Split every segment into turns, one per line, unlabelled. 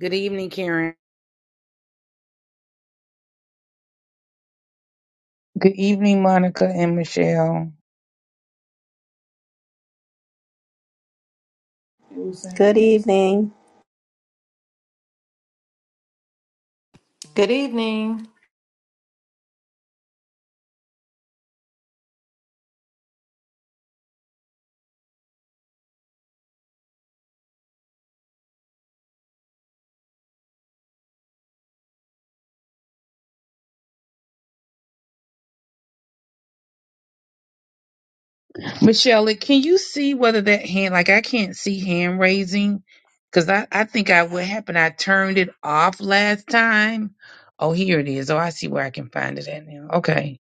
Good evening, Karen. Good evening, Monica and Michelle.
Good evening.
Good evening.
Michelle, like, can you see whether that hand, like I can't see hand raising? Because I, I think I what happened, I turned it off last time. Oh, here it is. Oh, I see where I can find it at now. Okay.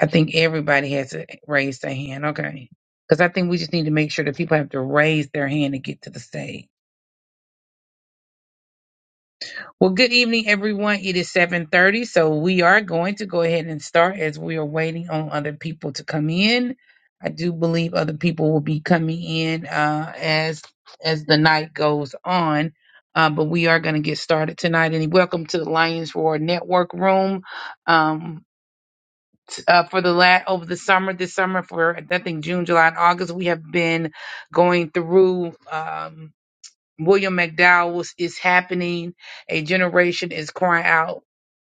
I think everybody has to raise their hand. Okay. Because I think we just need to make sure that people have to raise their hand to get to the stage. Well, good evening, everyone. It is 7:30, so we are going to go ahead and start as we are waiting on other people to come in. I do believe other people will be coming in uh, as as the night goes on, uh, but we are going to get started tonight. And welcome to the Lions Roar Network Room. Um, t- uh, for the last over the summer, this summer for I think June, July, and August, we have been going through. Um, William McDowell was, is happening. A generation is crying out,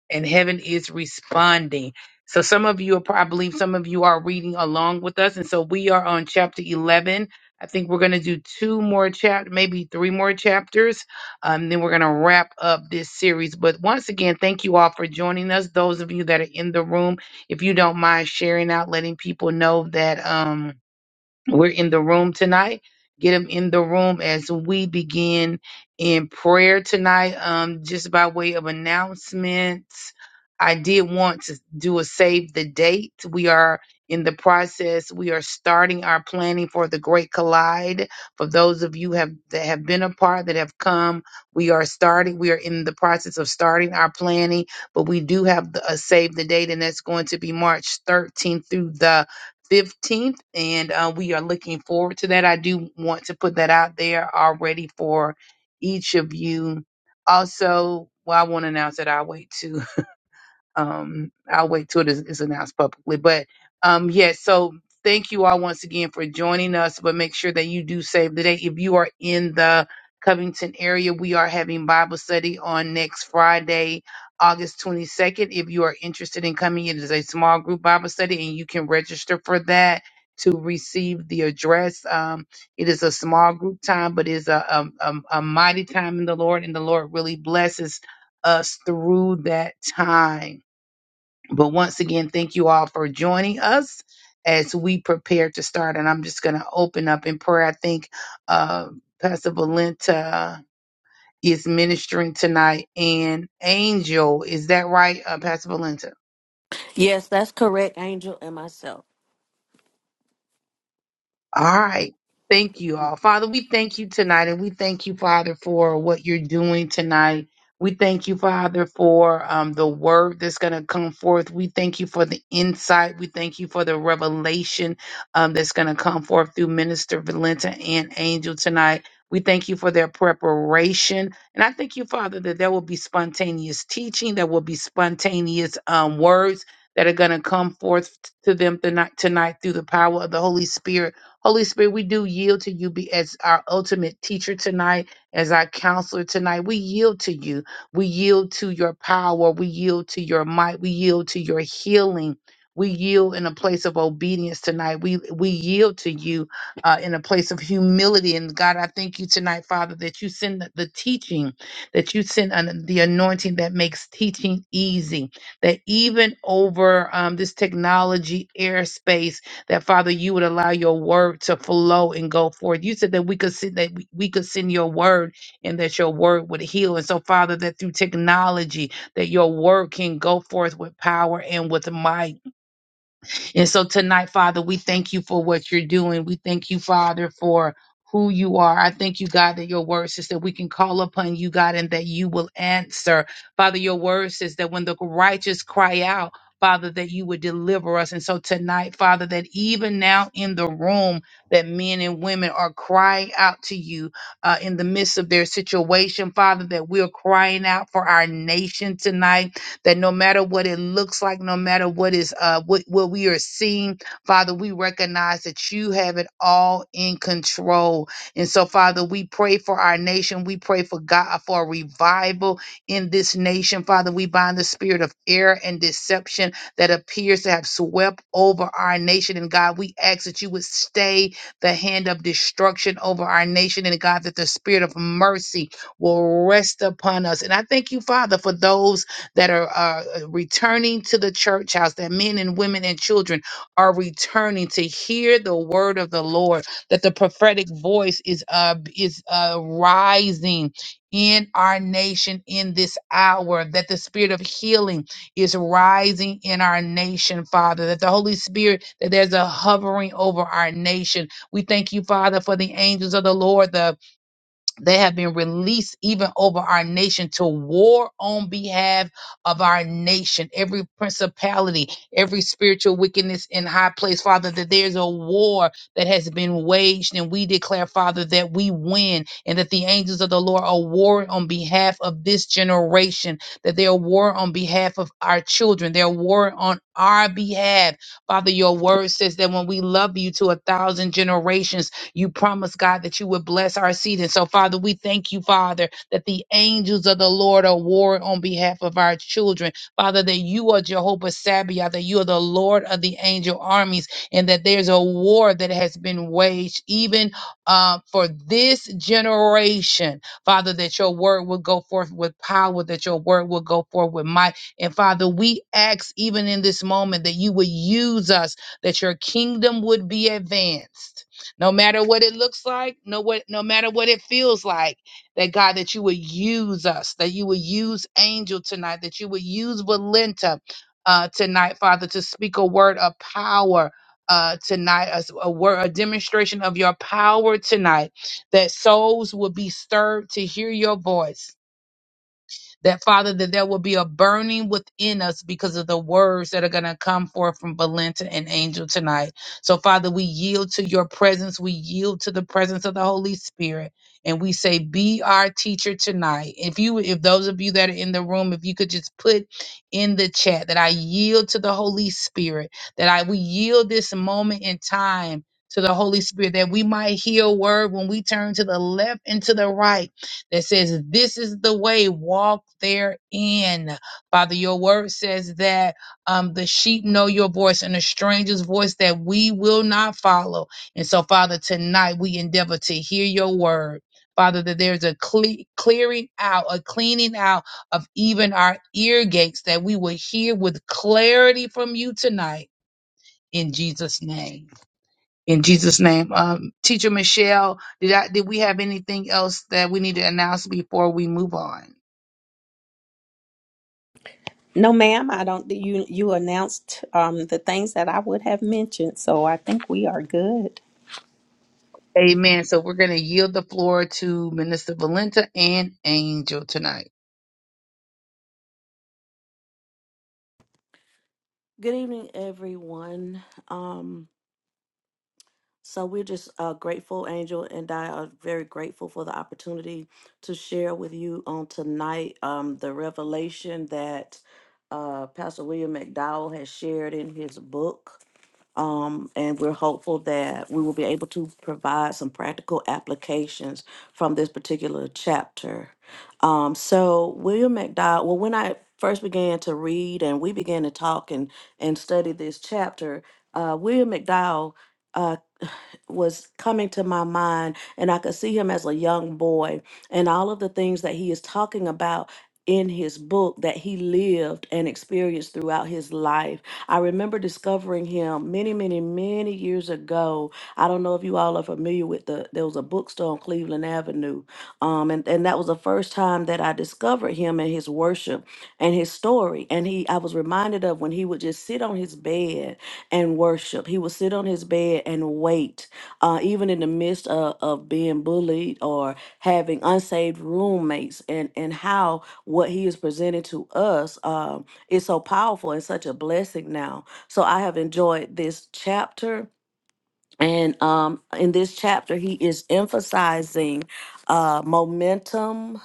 and heaven is responding. So some of you are probably some of you are reading along with us, and so we are on chapter eleven. I think we're going to do two more chapter, maybe three more chapters, um, then we're going to wrap up this series. But once again, thank you all for joining us. Those of you that are in the room, if you don't mind sharing out, letting people know that. Um, we're in the room tonight. Get them in the room as we begin in prayer tonight. Um, just by way of announcements, I did want to do a save the date. We are in the process. We are starting our planning for the Great Collide. For those of you have that have been a part that have come, we are starting. We are in the process of starting our planning, but we do have the, a save the date, and that's going to be March 13th through the 15th, and uh, we are looking forward to that. I do want to put that out there already for each of you. Also, well, I want to announce it our wait too um I'll wait till it is, is announced publicly. But um yeah, so thank you all once again for joining us. But make sure that you do save the date. If you are in the Covington area, we are having Bible study on next Friday, August 22nd. If you are interested in coming, it is a small group Bible study and you can register for that to receive the address. Um, it is a small group time, but it is a, a, a a mighty time in the Lord, and the Lord really blesses us through that time. But once again, thank you all for joining us as we prepare to start. And I'm just going to open up in prayer. I think uh, Pastor Valenta is ministering tonight, and Angel, is that right, uh, Pastor Valenta?
Yes, that's correct, Angel and myself.
All right. Thank you all. Father, we thank you tonight and we thank you, Father, for what you're doing tonight. We thank you, Father, for um, the word that's going to come forth. We thank you for the insight. We thank you for the revelation um, that's going to come forth through Minister Valenta and Angel tonight. We thank you for their preparation. And I thank you, Father, that there will be spontaneous teaching, there will be spontaneous um, words that are going to come forth to them tonight, tonight through the power of the Holy Spirit. Holy Spirit, we do yield to you be as our ultimate teacher tonight, as our counselor tonight. We yield to you. We yield to your power. We yield to your might. We yield to your healing. We yield in a place of obedience tonight. We we yield to you uh, in a place of humility. And God, I thank you tonight, Father, that you send the, the teaching, that you send an- the anointing that makes teaching easy. That even over um, this technology airspace that Father, you would allow your word to flow and go forth. You said that we could send that we we could send your word and that your word would heal. And so, Father, that through technology, that your word can go forth with power and with might. And so tonight, Father, we thank you for what you're doing. We thank you, Father, for who you are. I thank you, God, that your word says that we can call upon you, God, and that you will answer. Father, your word says that when the righteous cry out, Father, that you would deliver us. And so tonight, Father, that even now in the room, that men and women are crying out to you uh, in the midst of their situation, Father, that we're crying out for our nation tonight that no matter what it looks like, no matter what is uh what, what we are seeing, Father, we recognize that you have it all in control. And so, Father, we pray for our nation. We pray for God for a revival in this nation. Father, we bind the spirit of error and deception that appears to have swept over our nation. And God, we ask that you would stay the hand of destruction over our nation. And God, that the spirit of mercy will rest upon us. And I thank you, Father, for those that are uh, returning to the church house, that men and women and children are returning to hear the word of the Lord, that the prophetic voice is uh, is uh, rising in our nation in this hour, that the spirit of healing is rising in our nation, Father, that the Holy Spirit, that there's a hovering over our nation. We thank you, Father, for the angels of the Lord, the they have been released even over our nation to war on behalf of our nation. Every principality, every spiritual wickedness in high place, Father, that there's a war that has been waged. And we declare, Father, that we win and that the angels of the Lord are warring on behalf of this generation, that they are warring on behalf of our children. They're warring on our behalf. Father, your word says that when we love you to a thousand generations, you promised, God, that you would bless our seed. And so, Father, we thank you, Father, that the angels of the Lord are warring on behalf of our children. Father, that you are Jehovah Sabaoth, that you are the Lord of the angel armies, and that there's a war that has been waged even uh, for this generation. Father, that your word will go forth with power, that your word will go forth with might. And Father, we ask even in this moment that you would use us, that your kingdom would be advanced no matter what it looks like, no what no matter what it feels like, that God that you would use us, that you would use Angel tonight, that you would use Valenta uh tonight, Father, to speak a word of power. Uh, tonight, a, a word, a demonstration of your power tonight, that souls will be stirred to hear your voice that Father, that there will be a burning within us because of the words that are going to come forth from Valenta and Angel tonight. So, Father, we yield to your presence. We yield to the presence of the Holy Spirit. And we say, be our teacher tonight. If you, if those of you that are in the room, if you could just put in the chat that I yield to the Holy Spirit, that I, we yield this moment in time to the Holy Spirit, that we might hear a word when we turn to the left and to the right that says, This is the way, walk therein. Father, your word says that um, the sheep know your voice and a stranger's voice that we will not follow. And so, Father, tonight we endeavor to hear your word. Father, that there's a cle- clearing out, a cleaning out of even our ear gates, that we will hear with clarity from you tonight in Jesus' name. In Jesus' name, um, Teacher Michelle, did I, did we have anything else that we need to announce before we move on?
No, ma'am, I don't. You you announced um, the things that I would have mentioned, so I think we are good.
Amen. So we're going to yield the floor to Minister Valenta and Angel tonight.
Good evening, everyone. Um, so we're just uh, grateful, Angel and I are very grateful for the opportunity to share with you on tonight um, the revelation that uh, Pastor William McDowell has shared in his book. Um, and we're hopeful that we will be able to provide some practical applications from this particular chapter. Um, so William McDowell, well, when I first began to read and we began to talk and, and study this chapter, uh, William McDowell uh, was coming to my mind and I could see him as a young boy and all of the things that he is talking about in his book that he lived and experienced throughout his life. I remember discovering him many, many, many years ago. I don't know if you all are familiar with the there was a bookstore on Cleveland Avenue. Um and, and that was the first time that I discovered him and his worship and his story. And he I was reminded of when he would just sit on his bed and worship. He would sit on his bed and wait uh, even in the midst of, of being bullied or having unsaved roommates and and how what he is presented to us um, is so powerful and such a blessing now so i have enjoyed this chapter and um, in this chapter he is emphasizing uh, momentum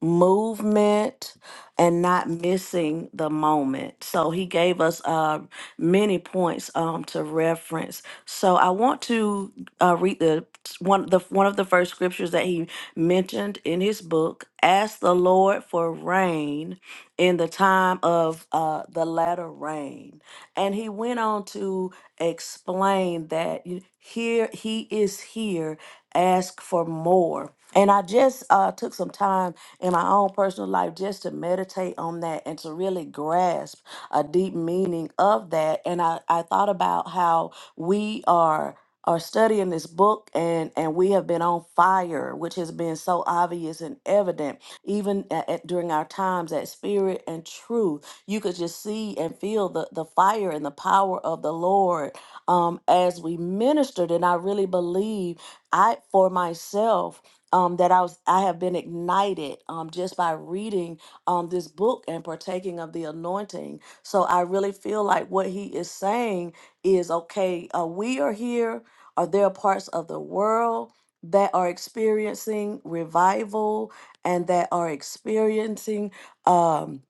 movement and not missing the moment so he gave us uh, many points um, to reference. So I want to uh, read the one the one of the first scriptures that he mentioned in his book. Ask the Lord for rain in the time of uh, the latter rain, and he went on to explain that you- here he is here. Ask for more. And I just uh, took some time in my own personal life just to meditate on that and to really grasp a deep meaning of that. And I, I thought about how we are are studying this book and and we have been on fire which has been so obvious and evident even at, at- during our times at spirit and truth you could just see and feel the the fire and the power of the lord um as we ministered and i really believe i for myself um, that I was, I have been ignited um, just by reading um, this book and partaking of the anointing so I really feel like what he is saying is okay, uh, we are here, are there parts of the world that are experiencing revival and that are experiencing um,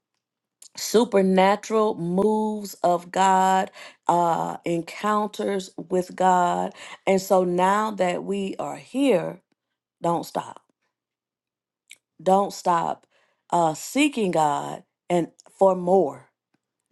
supernatural moves of God, uh, encounters with God. And so now that we are here, don't stop. Don't stop uh, seeking God and for more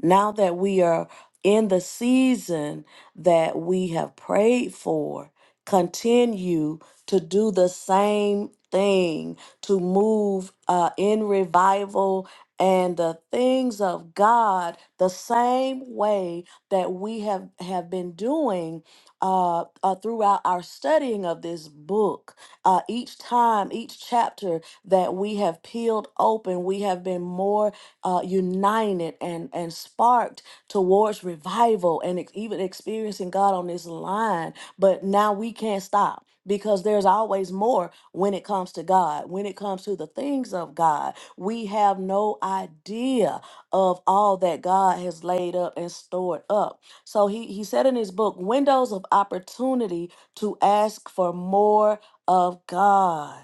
now that we are in the season that we have prayed for, continue to do the same thing to move uh, in revival and the things of God the same way that we have, have been doing uh, uh, throughout our studying of this book. Uh, each time, each chapter that we have peeled open, we have been more uh, united and, and sparked towards revival and ex- even experiencing God on this line. But now we can't stop because there's always more when it comes to God, when it comes to the things of God. We have no idea of all that God has laid up and stored up. So he, he said in his book, Windows of Opportunity to ask for more of God.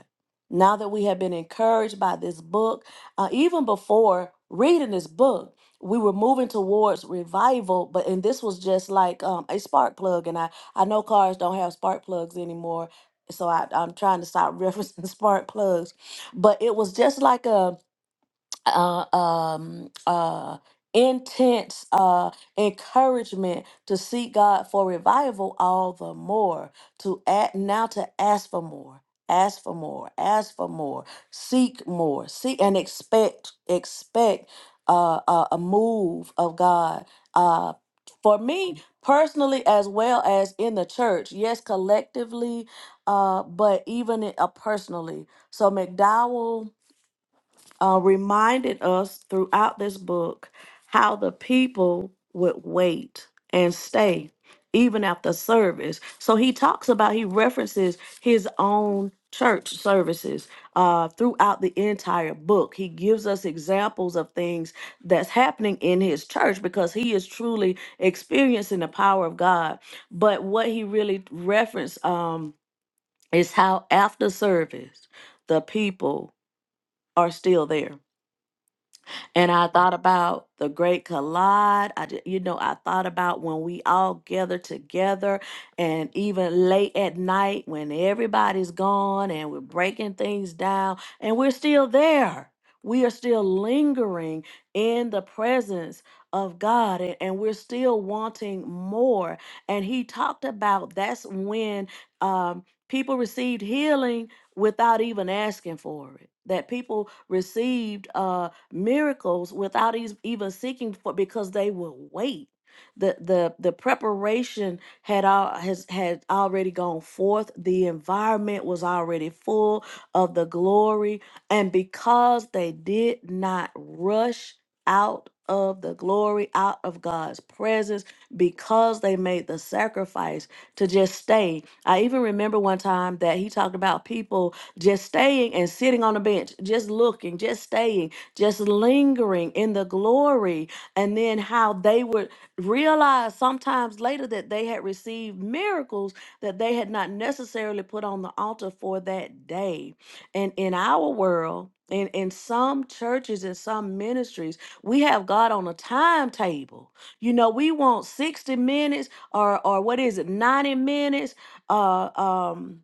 Now that we have been encouraged by this book, uh, even before reading this book, we were moving towards revival, but and this was just like um, a spark plug. And I I know cars don't have spark plugs anymore, so I, I'm trying to stop referencing spark plugs. But it was just like a uh, um, uh, intense uh, encouragement to seek God for revival all the more. To act now to ask for more, ask for more, ask for more, seek more, seek and expect expect uh, a, a move of God. Uh, for me personally, as well as in the church, yes, collectively, uh, but even uh, personally. So McDowell uh, reminded us throughout this book how the people would wait and stay even after service. So he talks about, he references his own church services uh, throughout the entire book. He gives us examples of things that's happening in his church because he is truly experiencing the power of God. But what he really referenced um, is how after service, the people are still there and I thought about the great collide. I, ju- you know, I thought about when we all gather together and even late at night when everybody's gone and we're breaking things down and we're still there. We are still lingering in the presence of God and, and we're still wanting more. And he talked about that's when um, people received healing without even asking for it. That people received. uh, miracles without eas- even seeking for because they will wait. The the the preparation had all has had already gone forth. The environment was already full of the glory. And because they did not rush out of the glory, out of God's presence, because they made the sacrifice to just stay. I even remember one time that he talked about people just staying and sitting on the bench, just looking, just staying just lingering in the glory, and then how they would realize sometimes later that they had received miracles that they had not necessarily put on the altar for that day. And in our world, in, in some churches and some ministries, we have God on a timetable. You know, we want 60 minutes or or what is it, 90 minutes. Uh um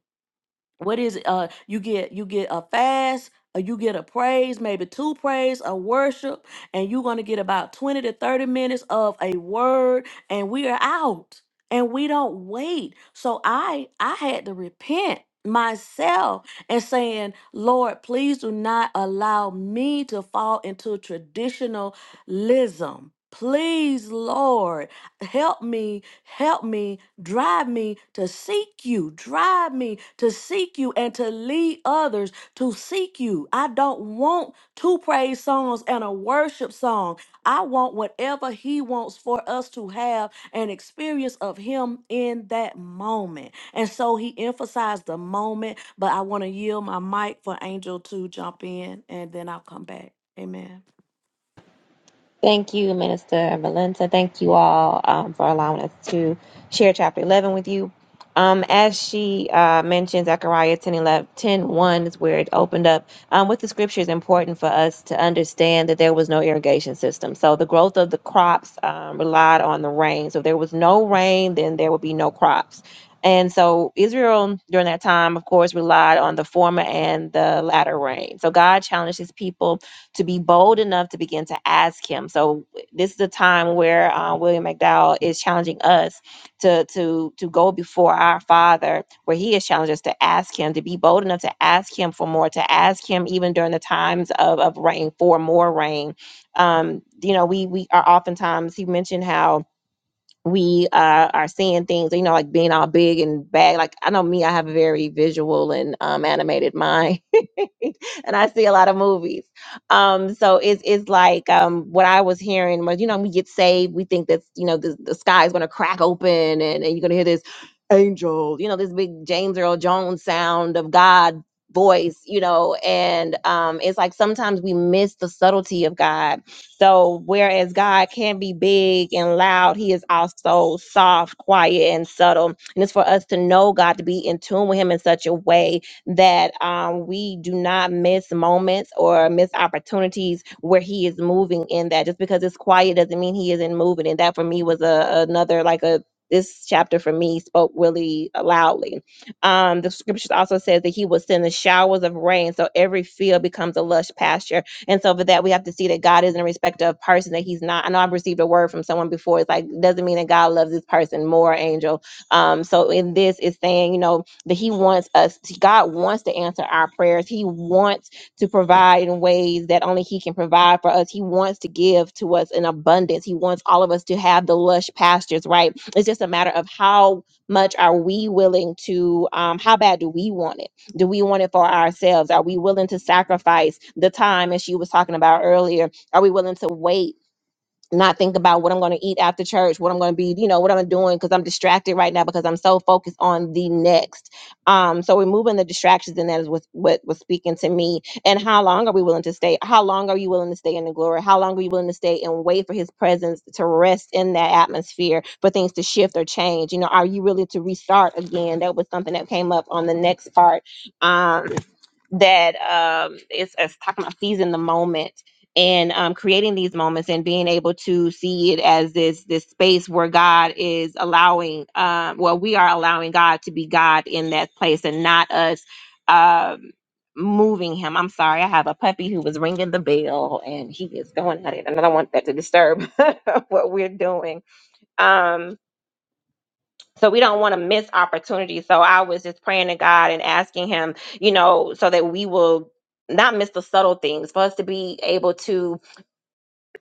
what is it? Uh, you get you get a fast, or you get a praise, maybe two praise, a worship, and you're gonna get about twenty to thirty minutes of a word, and we are out, and we don't wait. So I I had to repent myself and saying lord please do not allow me to fall into traditionalism please lord Help me, help me, drive me to seek you, drive me to seek you and to lead others to seek you. I don't want two praise songs and a worship song. I want whatever He wants for us to have an experience of Him in that moment. And so He emphasized the moment, but I want to yield my mic for Angel to jump in and then I'll come back. Amen.
Thank you, Minister Valenta. Thank you all um, for allowing us to share chapter 11 with you. Um, as she uh, mentioned, Zechariah 10, eleven, ten one is where it opened up. Um, with the scripture, it's important for us to understand that there was no irrigation system. So the growth of the crops um, relied on the rain. So if there was no rain, then there would be no crops. And so Israel, during that time, of course, relied on the former and the latter rain. So God challenged his people to be bold enough to begin to ask him. So this is a time where uh, William McDowell is challenging us to to to go before our Father, where he has challenged us to ask him to be bold enough to ask him for more, to ask him even during the times of of rain for more rain. Um, you know, we we are oftentimes he mentioned how we uh, are seeing things, you know, like being all big and bad. Like I know me, I have a very visual and um, animated mind and I see a lot of movies. Um, so it's it's like um, what I was hearing was, you know, we get saved, we think that you know the, the sky is going to crack open, and, and you're going to hear this Earl, you know, this big James Earl Jones sound of God voice, you know, and um it's like sometimes we miss the subtlety of God. So whereas God can be big and loud, he is also soft, quiet, and subtle. And it's for us to know God to be in tune with him in such a way that um we do not miss moments or miss opportunities where he is moving in that. Just because it's quiet doesn't mean he isn't moving. And that for me was a another like a this chapter for me spoke really loudly. Um, the scriptures also says that he will send the showers of rain, so every field becomes a lush pasture. And so for that, we have to see that God isn't a respecter of person. That He's not. I know I've received a word from someone before. It's like doesn't mean that God loves this person more, angel. Um, so in this, it's saying you know that He wants us. God wants to answer our prayers. He wants to provide in ways that only He can provide for us. He wants to give to us in abundance. He wants all of us to have the lush pastures, right? It's just a matter of how much are we willing to, um, how bad do we want it? Do we want it for ourselves? Are we willing to sacrifice the time, as she was talking about earlier? Are we willing to wait? not think about what I'm going to eat after church, what I'm going to be, you know, what I'm doing because I'm distracted right now because I'm so focused on the next. Um, so removing the distractions and that is what what was speaking to me. And how long are we willing to stay? How long are you willing to stay in the glory? How long are you willing to stay and wait for His presence to rest in that atmosphere for things to shift or change? You know, are you really to restart again? That was something that came up on the next part. Um, that um, it's, it's talking about seizing the moment and um, creating these moments and being able to see it as this this space where God is allowing, um, well, we are allowing God to be God in that place and not us um, moving Him. I'm sorry, I have a puppy who was ringing the bell and he is going at it, and I don't want that to disturb what we're doing. Um, so we don't want to miss opportunities. So I was just praying to God and asking Him, you know, so that we will not miss the subtle things for us to be able to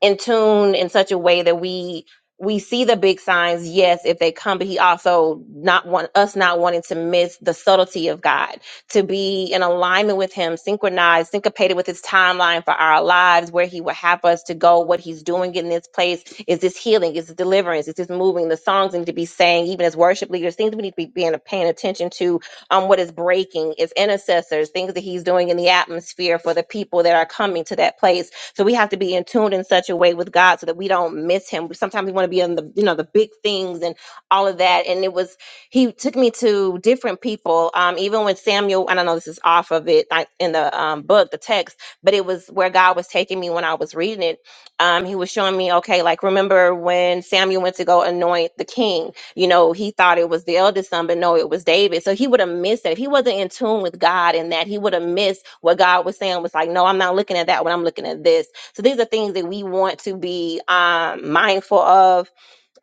in tune in such a way that we we see the big signs yes if they come but he also not want us not wanting to miss the subtlety of god to be in alignment with him synchronized syncopated with his timeline for our lives where he would have us to go what he's doing in this place is this healing is this deliverance is this moving the songs need to be saying even as worship leaders things we need to be being paying attention to um, what is breaking is intercessors things that he's doing in the atmosphere for the people that are coming to that place so we have to be in tune in such a way with God so that we don't miss Him. Sometimes we want to be on the you know the big things and all of that. And it was He took me to different people. Um, even when Samuel, I don't know this is off of it like in the um, book, the text, but it was where God was taking me when I was reading it. Um, he was showing me, okay, like remember when Samuel went to go anoint the king you know, he thought it was the eldest son, but no, it was David. So he would have missed that. If he wasn't in tune with God and that, he would have missed what God was saying was like, no, I'm not looking at that when I'm looking at this. So these are things that we want to be um, mindful of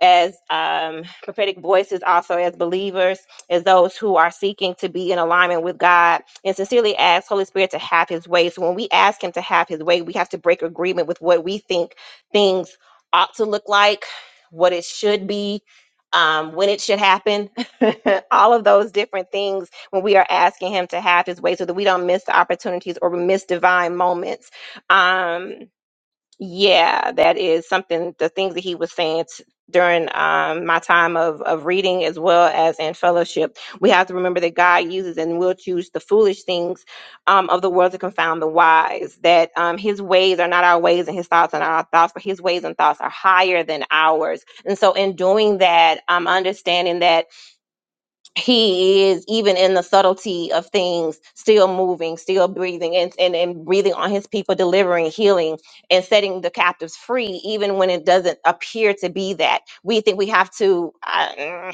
as um, prophetic voices, also as believers, as those who are seeking to be in alignment with God, and sincerely ask Holy Spirit to have His way. So when we ask Him to have His way, we have to break agreement with what we think things ought to look like, what it should be. Um, when it should happen, all of those different things when we are asking him to have his way so that we don't miss the opportunities or miss divine moments. Um, yeah, that is something, the things that he was saying t- during um, my time of, of reading as well as in fellowship. We have to remember that God uses and will choose the foolish things um, of the world to confound the wise, that um, his ways are not our ways and his thoughts are not our thoughts, but his ways and thoughts are higher than ours. And so, in doing that, I'm understanding that he is even in the subtlety of things still moving still breathing and, and and breathing on his people delivering healing and setting the captives free even when it doesn't appear to be that we think we have to uh,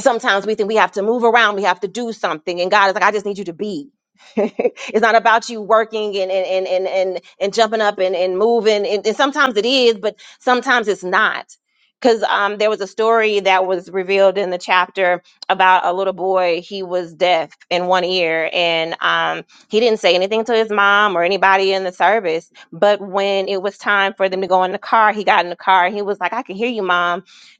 sometimes we think we have to move around, we have to do something. And God is like, I just need you to be. it's not about you working and and and and and, and jumping up and, and moving. And, and sometimes it is, but sometimes it's not. Because um, there was a story that was revealed in the chapter about a little boy. He was deaf in one ear, and um, he didn't say anything to his mom or anybody in the service. But when it was time for them to go in the car, he got in the car and he was like, "I can hear you, mom."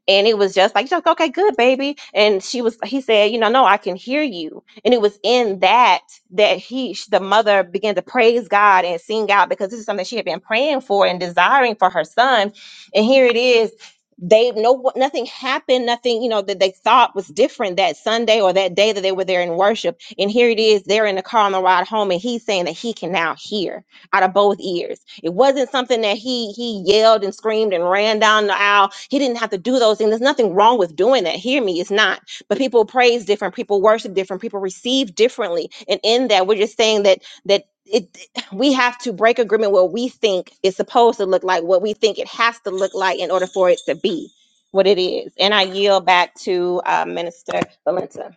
and it was just like just okay good baby and she was he said you know no i can hear you and it was in that that he sh- the mother began to praise god and sing out because this is something she had been praying for and desiring for her son and here it is they no nothing happened nothing you know that they thought was different that sunday or that day that they were there in worship and here it is they're in the car on the ride home and he's saying that he can now hear out of both ears. It wasn't something that he he yelled and screamed and ran down the aisle. He didn't have to do those things. There's nothing wrong with doing that. Hear me, it's not. But people praise different, people worship different, people receive differently. And in that, we're just saying that that it we have to break agreement what we think is supposed to look like, what we think it has to look like in order for it to be what it is. And I yield back to uh, Minister Valenta.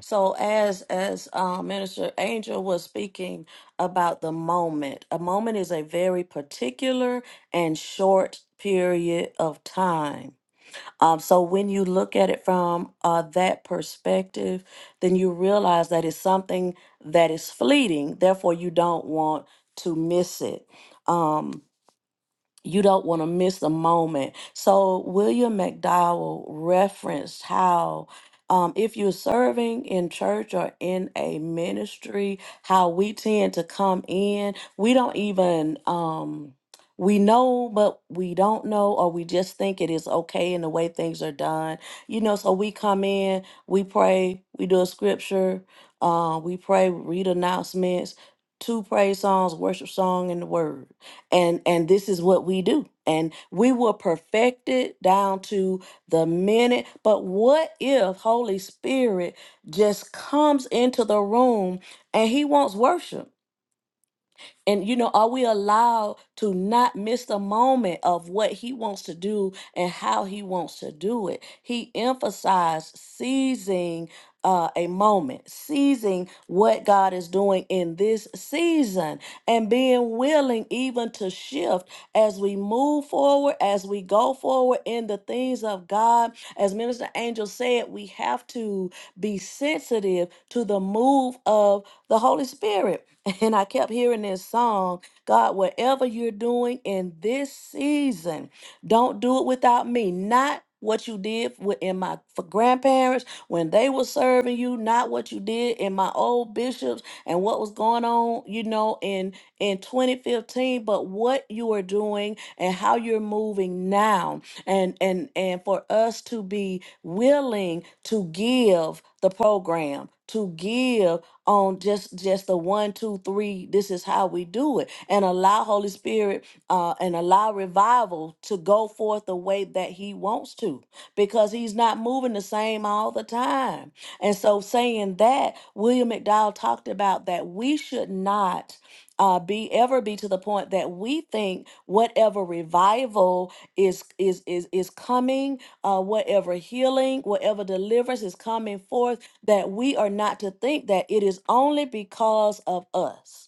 So as as uh, Minister Angel was speaking about the moment, a moment is a very particular and short period of time. Um, so when you look at it from uh, that perspective, then you realize that it's something that is fleeting. Therefore, you don't want to miss it. Um, you don't want to miss a moment. So William McDowell referenced how um, if you're serving in church or in a ministry, how we tend to come in, we don't even um, we know, but we don't know, or we just think it is okay in the way things are done. You know, so we come in, we pray, we do a scripture, uh, we pray, read announcements, two praise songs, worship song, and the word and and this is what we do and we will perfect it down to the minute but what if holy spirit just comes into the room and he wants worship and you know, are we allowed to not miss the moment of what he wants to do and how he wants to do it? He emphasized seizing uh, a moment, seizing what God is doing in this season, and being willing even to shift as we move forward, as we go forward in the things of God. As Minister Angel said, we have to be sensitive to the move of the Holy Spirit and I kept hearing this song God, whatever you're doing in this season, don't do it without me. Not what you did with- in my for grandparents when they were serving you, not what you did in my old bishops and what was going on, you know, in in 2015, but what you are doing and how you're moving now. And and and for us to be willing to give the program, to give on just just the one two three this is how we do it and allow holy spirit uh and allow revival to go forth the way that he wants to because he's not moving the same all the time and so saying that william mcdowell talked about that we should not uh, be ever be to the point that we think whatever revival is is is is coming uh, whatever healing whatever deliverance is coming forth that we are not to think that it is only because of us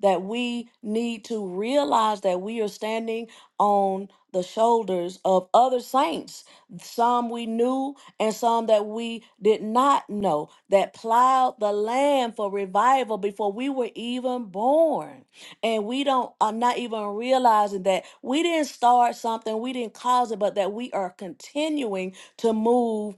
that we need to realize that we are standing on the shoulders of other saints some we knew and some that we did not know that plowed the land for revival before we were even born and we don't are not even realizing that we didn't start something we didn't cause it but that we are continuing to move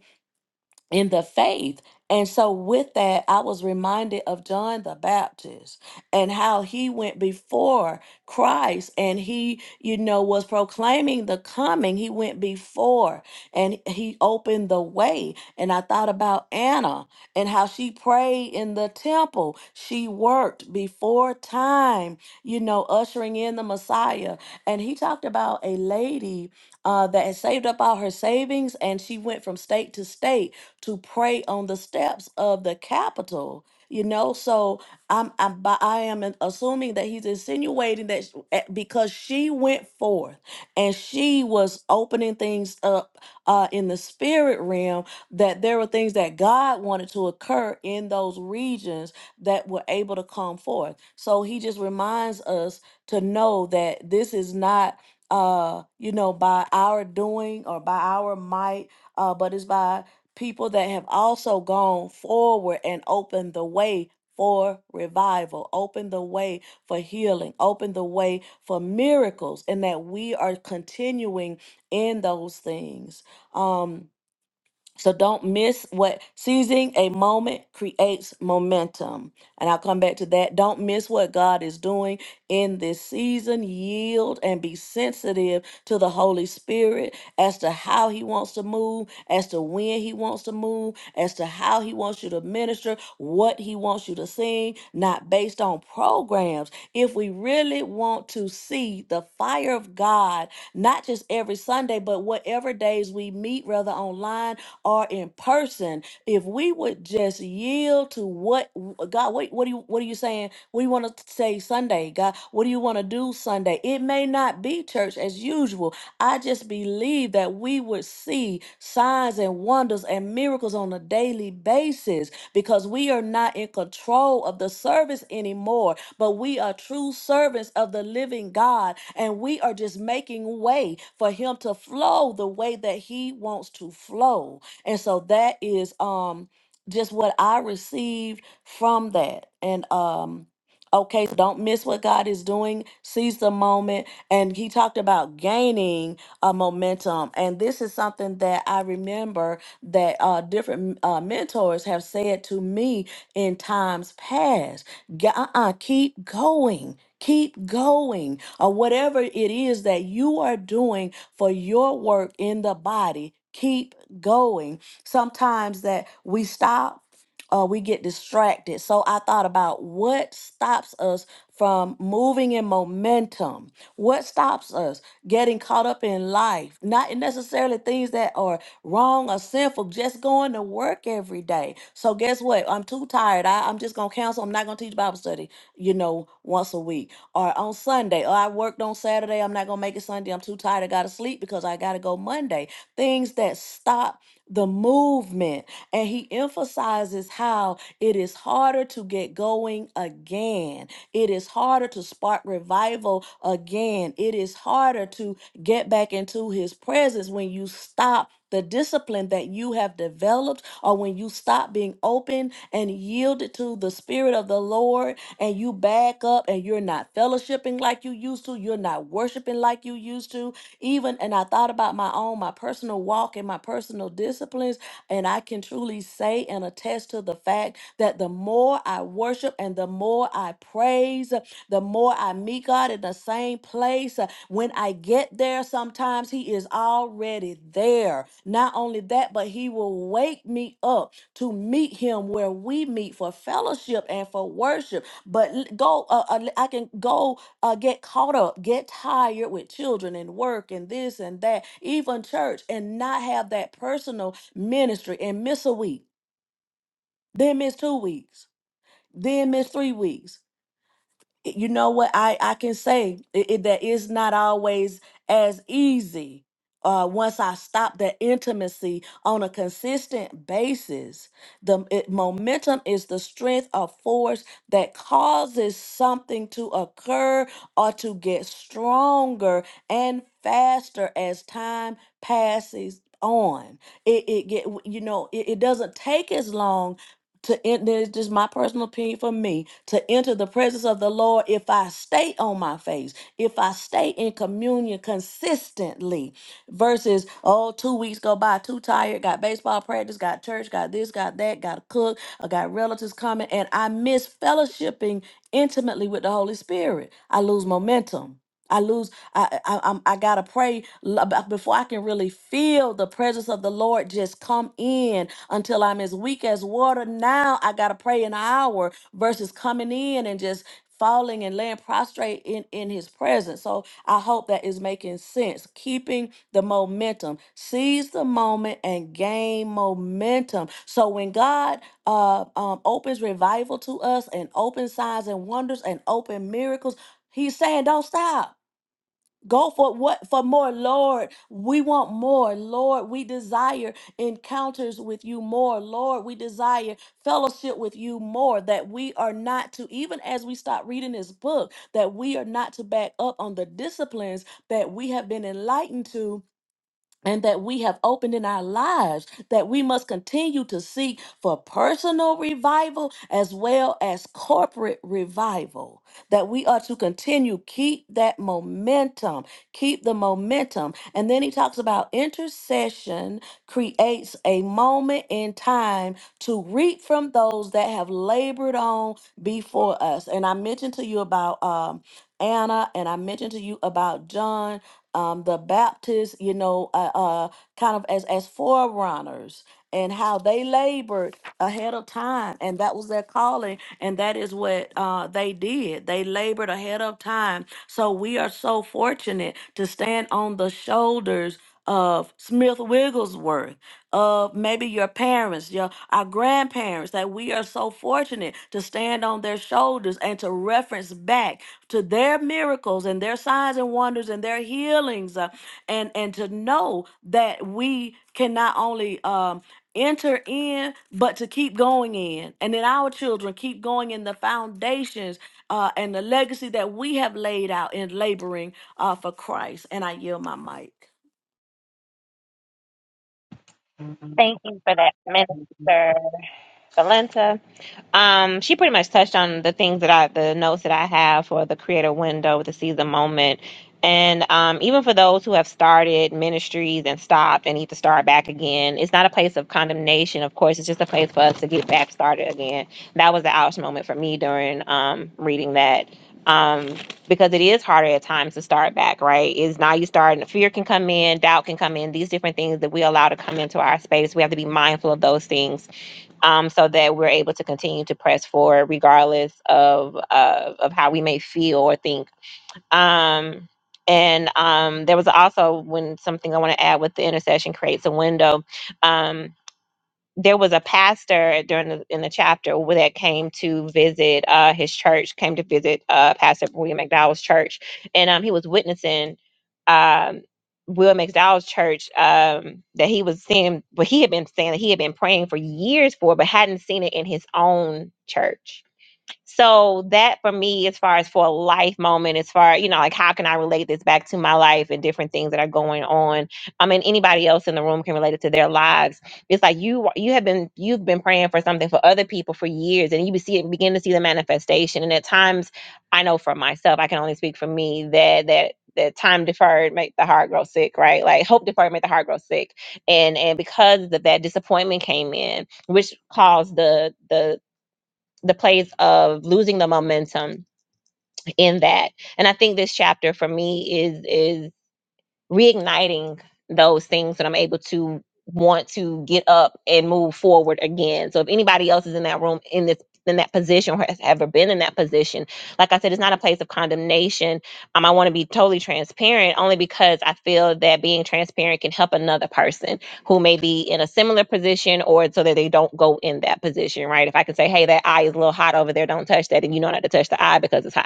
in the faith. And so, with that, I was reminded of John the Baptist and how he went before Christ and he, you know, was proclaiming the coming. He went before and he opened the way. And I thought about Anna and how she prayed in the temple. She worked before time, you know, ushering in the Messiah. And he talked about a lady uh, that had saved up all her savings and she went from state to state to pray on the steps of the Capitol. You know, so I'm, I'm by- I am in- assuming that he's insinuating that sh- eh, because she went forth and she was opening things up uh, in the spirit realm, that there were things that God wanted to occur in those regions that were able to come forth. So he just reminds us to know that this is not uh you know by our doing or by our might uh but it's by people that have also gone forward and opened the way for revival, opened the way for healing, opened the way for miracles, and that we are continuing in those things. Um, so don't miss what seizing a moment creates momentum. And I'll come back to that. Don't miss what God is doing in this season. Yield and be sensitive to the Holy Spirit as to how He wants to move, as to when He wants to move, as to how He wants you to minister, what He wants you to sing, not based on programs. If we really want to see the fire of God not just every Sunday, but whatever days we meet, whether online or in person. If we would just yield to what God, what, what do you what are you saying? What do you want to say Sunday, God? What do you want to do Sunday? It may not be church as usual. I just believe that we would see signs and wonders and miracles on a daily basis because we are not in control of the service anymore, but we are true servants of the living God and we are just making way for him to flow the way that he wants to flow. And so that is um just what I received from that. And um okay, so don't miss what God is doing. Seize the moment. And he talked about gaining uh, momentum. And this is something that I remember that uh, different uh, mentors have said to me in times past. G- Uh-uh, keep going. Keep going, or whatever it is that you are doing for your work in the body, keep going. Sometimes that we stop or we get distracted. So I thought about what stops us from moving in momentum. What stops us? getting caught up in life, not in necessarily things that are wrong or sinful, just going to work every day. So guess what? I'm too tired. I, I'm just gonna counsel. I'm not gonna teach Bible study, you know, once a week or on Sunday. Or I worked on Saturday. I'm not gonna make it Sunday. I'm too tired. I gotta sleep because I gotta go Monday. Things that stop the movement. And he emphasizes how it is harder to get going again it is harder to spark revival again. It is harder to get back into his presence when you stop the discipline that you have developed or when you stop being open and yielded to the spirit of the Lord and you back up and you're not fellowshipping like you used to, you're not worshiping like you used to, even and I thought about my own, my personal walk and my personal disciplines, and I can truly say and attest to the fact that the more I worship and the more I praise, uh, the more I meet God in the same place. uh, When I get there, sometimes He is already there. Not only that, but He will wake me up to meet Him where we meet for fellowship and for worship. But l- go, uh, uh, I can go uh, get caught up, get tired with children and work and this and that, even church, and not have that personal ministry and miss a week, then miss two weeks, then miss three weeks you know what I, I can say it, it- that it's not always as easy uh, once I stop that intimacy on a consistent basis. The it- momentum is the strength of force that causes something to occur or to get stronger and faster as time passes on. It, it get you know it, it doesn't take as long to enter this is just my personal opinion for me to enter the presence of the lord if i stay on my face if i stay in communion consistently versus oh two weeks go by too tired got baseball practice got church got this got that got to cook i got relatives coming and i miss fellowshipping intimately with the holy spirit i lose momentum I lose. I I I'm, I gotta pray l- ab- before I can really feel the presence of the Lord just come in until I'm as weak as water. Now I gotta pray an hour versus coming in and just falling and laying prostrate in in His presence. So I hope that is making sense. Keeping the momentum, seize the moment and gain momentum. So when God uh um, opens revival to us and open signs and wonders and open miracles, He's saying don't stop. Go for what? For more, Lord. We want more, Lord. We desire encounters with you more, Lord. We desire fellowship with you more. That we are not to, even as we start reading this book, that we are not to back up on the disciplines that we have been enlightened to and that we have opened in our lives that we must continue to seek for personal revival as well as corporate revival that we are to continue keep that momentum keep the momentum and then he talks about intercession creates a moment in time to reap from those that have labored on before us and i mentioned to you about um Anna and I mentioned to you about John um, the Baptists, you know, uh, uh, kind of as as forerunners and how they labored ahead of time, and that was their calling, and that is what uh, they did. They labored ahead of time. So we are so fortunate to stand on the shoulders of Smith Wigglesworth, of maybe your parents, your our grandparents, that we are so fortunate to stand on their shoulders and to reference back to their miracles and their signs and wonders and their healings, uh, and and to know that we can not only um, enter in, but to keep going in, and then our children keep going in the foundations uh, and the legacy that we have laid out in laboring uh, for Christ. And I yield my mic.
Thank you for that, Minister. Valenta. Um, she pretty much touched on the things that I, the notes that I have for the creator window, the season moment. And um, even for those who have started ministries and stopped and need to start back again, it's not a place of condemnation. Of course, it's just a place for us to get back started again. That was the ouch moment for me during um, reading that. Um, because it is harder at times to start back, right? Is now you start and fear can come in, doubt can come in, these different things that we allow to come into our space. We have to be mindful of those things um, so that we're able to continue to press forward regardless of of, of how we may feel or think. Um, and um, there was also when something I want to add with the intercession creates a window. Um, there was a pastor during the, in the chapter where that came to visit uh, his church, came to visit uh, Pastor William McDowell's church, and um, he was witnessing um, William McDowell's church um, that he was seeing, what he had been saying that he had been praying for years for, but hadn't seen it in his own church so that for me, as far as for a life moment, as far you know, like how can I relate this back to my life and different things that are going on? I mean, anybody else in the room can relate it to their lives. It's like you you have been you've been praying for something for other people for years, and you be see it begin to see the manifestation. And at times, I know for myself, I can only speak for me that that that time deferred make the heart grow sick, right? Like hope deferred make the heart grow sick, and and because of that disappointment came in, which caused the the the place of losing the momentum in that. And I think this chapter for me is is reigniting those things that I'm able to want to get up and move forward again. So if anybody else is in that room in this in that position or has ever been in that position, like I said, it's not a place of condemnation. Um, I want to be totally transparent only because I feel that being transparent can help another person who may be in a similar position or so that they don't go in that position, right? If I can say, hey, that eye is a little hot over there, don't touch that, and you know not to touch the eye because it's hot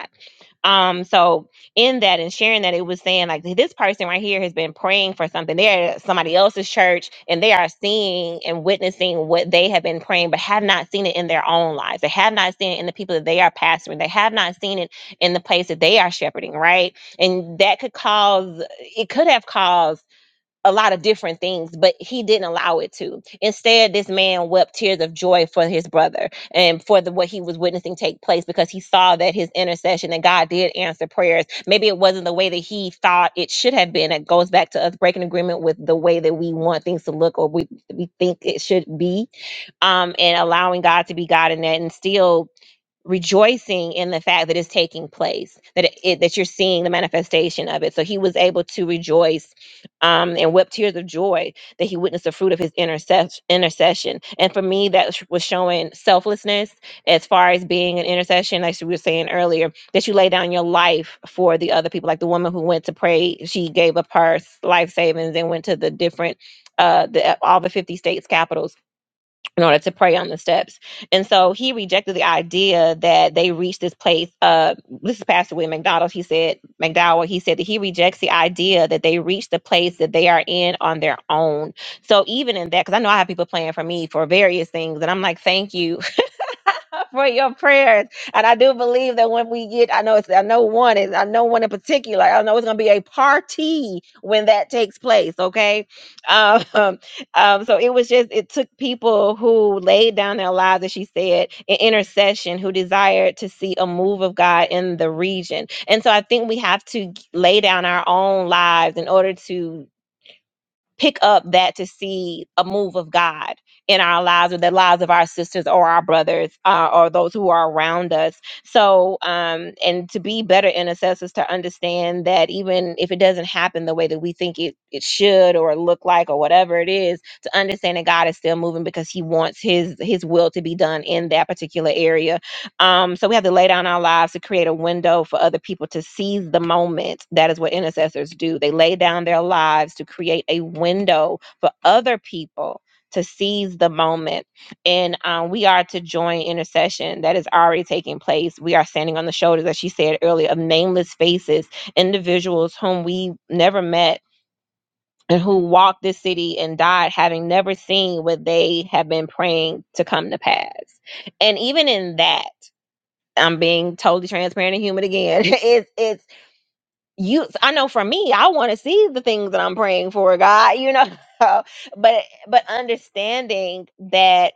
um, so in that and sharing that, it was saying like this person right here has been praying for something. They're at somebody else's church and they are seeing and witnessing what they have been praying, but have not seen it in their own lives. They have not seen it in the people that they are pastoring. They have not seen it in the place that they are shepherding, right? And that could cause it could have caused a lot of different things, but he didn't allow it to. Instead, this man wept tears of joy for his brother and for the what he was witnessing take place because he saw that his intercession and God did answer prayers. Maybe it wasn't the way that he thought it should have been. It goes back to us breaking agreement with the way that we want things to look or we we think it should be, um, and allowing God to be God in that, and still rejoicing in the fact that it's taking place that it, it- that you're seeing the manifestation of it so he was able to rejoice um and wept tears of joy that he witnessed the fruit of his intercession intercession and for me that sh- was showing selflessness as far as being an intercession like we were saying earlier that you lay down your life for the other people like the woman who went to pray she gave up her s- life savings and went to the different uh the all the 50 states capitals in order to pray on the steps. And so he rejected the idea that they reached this place. Uh, this is Pastor William McDonald. He said, McDowell, he said that he rejects the idea that they reached the place that they are in on their own. So even in that, because I know I have people praying for me for various things, and I'm like, thank you. for your prayers. And I do believe that when we get, I know it's, I know one is, I know one in particular. I know it's going to be a party when that takes place. Okay, um, um, so it was just it took people who laid down their lives, as she said, in intercession, who desired to see a move of God in the region. And so I think we have to g- lay down our own lives in order to pick up that to see a move of God in our lives or the lives of our sisters or our brothers uh, or those who are around us. So, um, and to be better intercessors, to understand that even if it doesn't happen the way that we think it, it should or look like or whatever it is, to understand that God is still moving because he wants his, his will to be done in that particular area um, so we have to lay down our lives to create a window for other people to seize the moment. That is what intercessors do. They lay down their lives to create a window for other people to seize the moment. And um, we are to join intercession that is already taking place. We are standing on the shoulders, as she said earlier, of nameless faces, individuals whom we never met. And who walked this city and died having never seen what they have been praying to come to pass. And even in that, I'm being totally transparent and human again. It's it's you. I know for me, I want to see the things that I'm praying for, God. You know, but but understanding that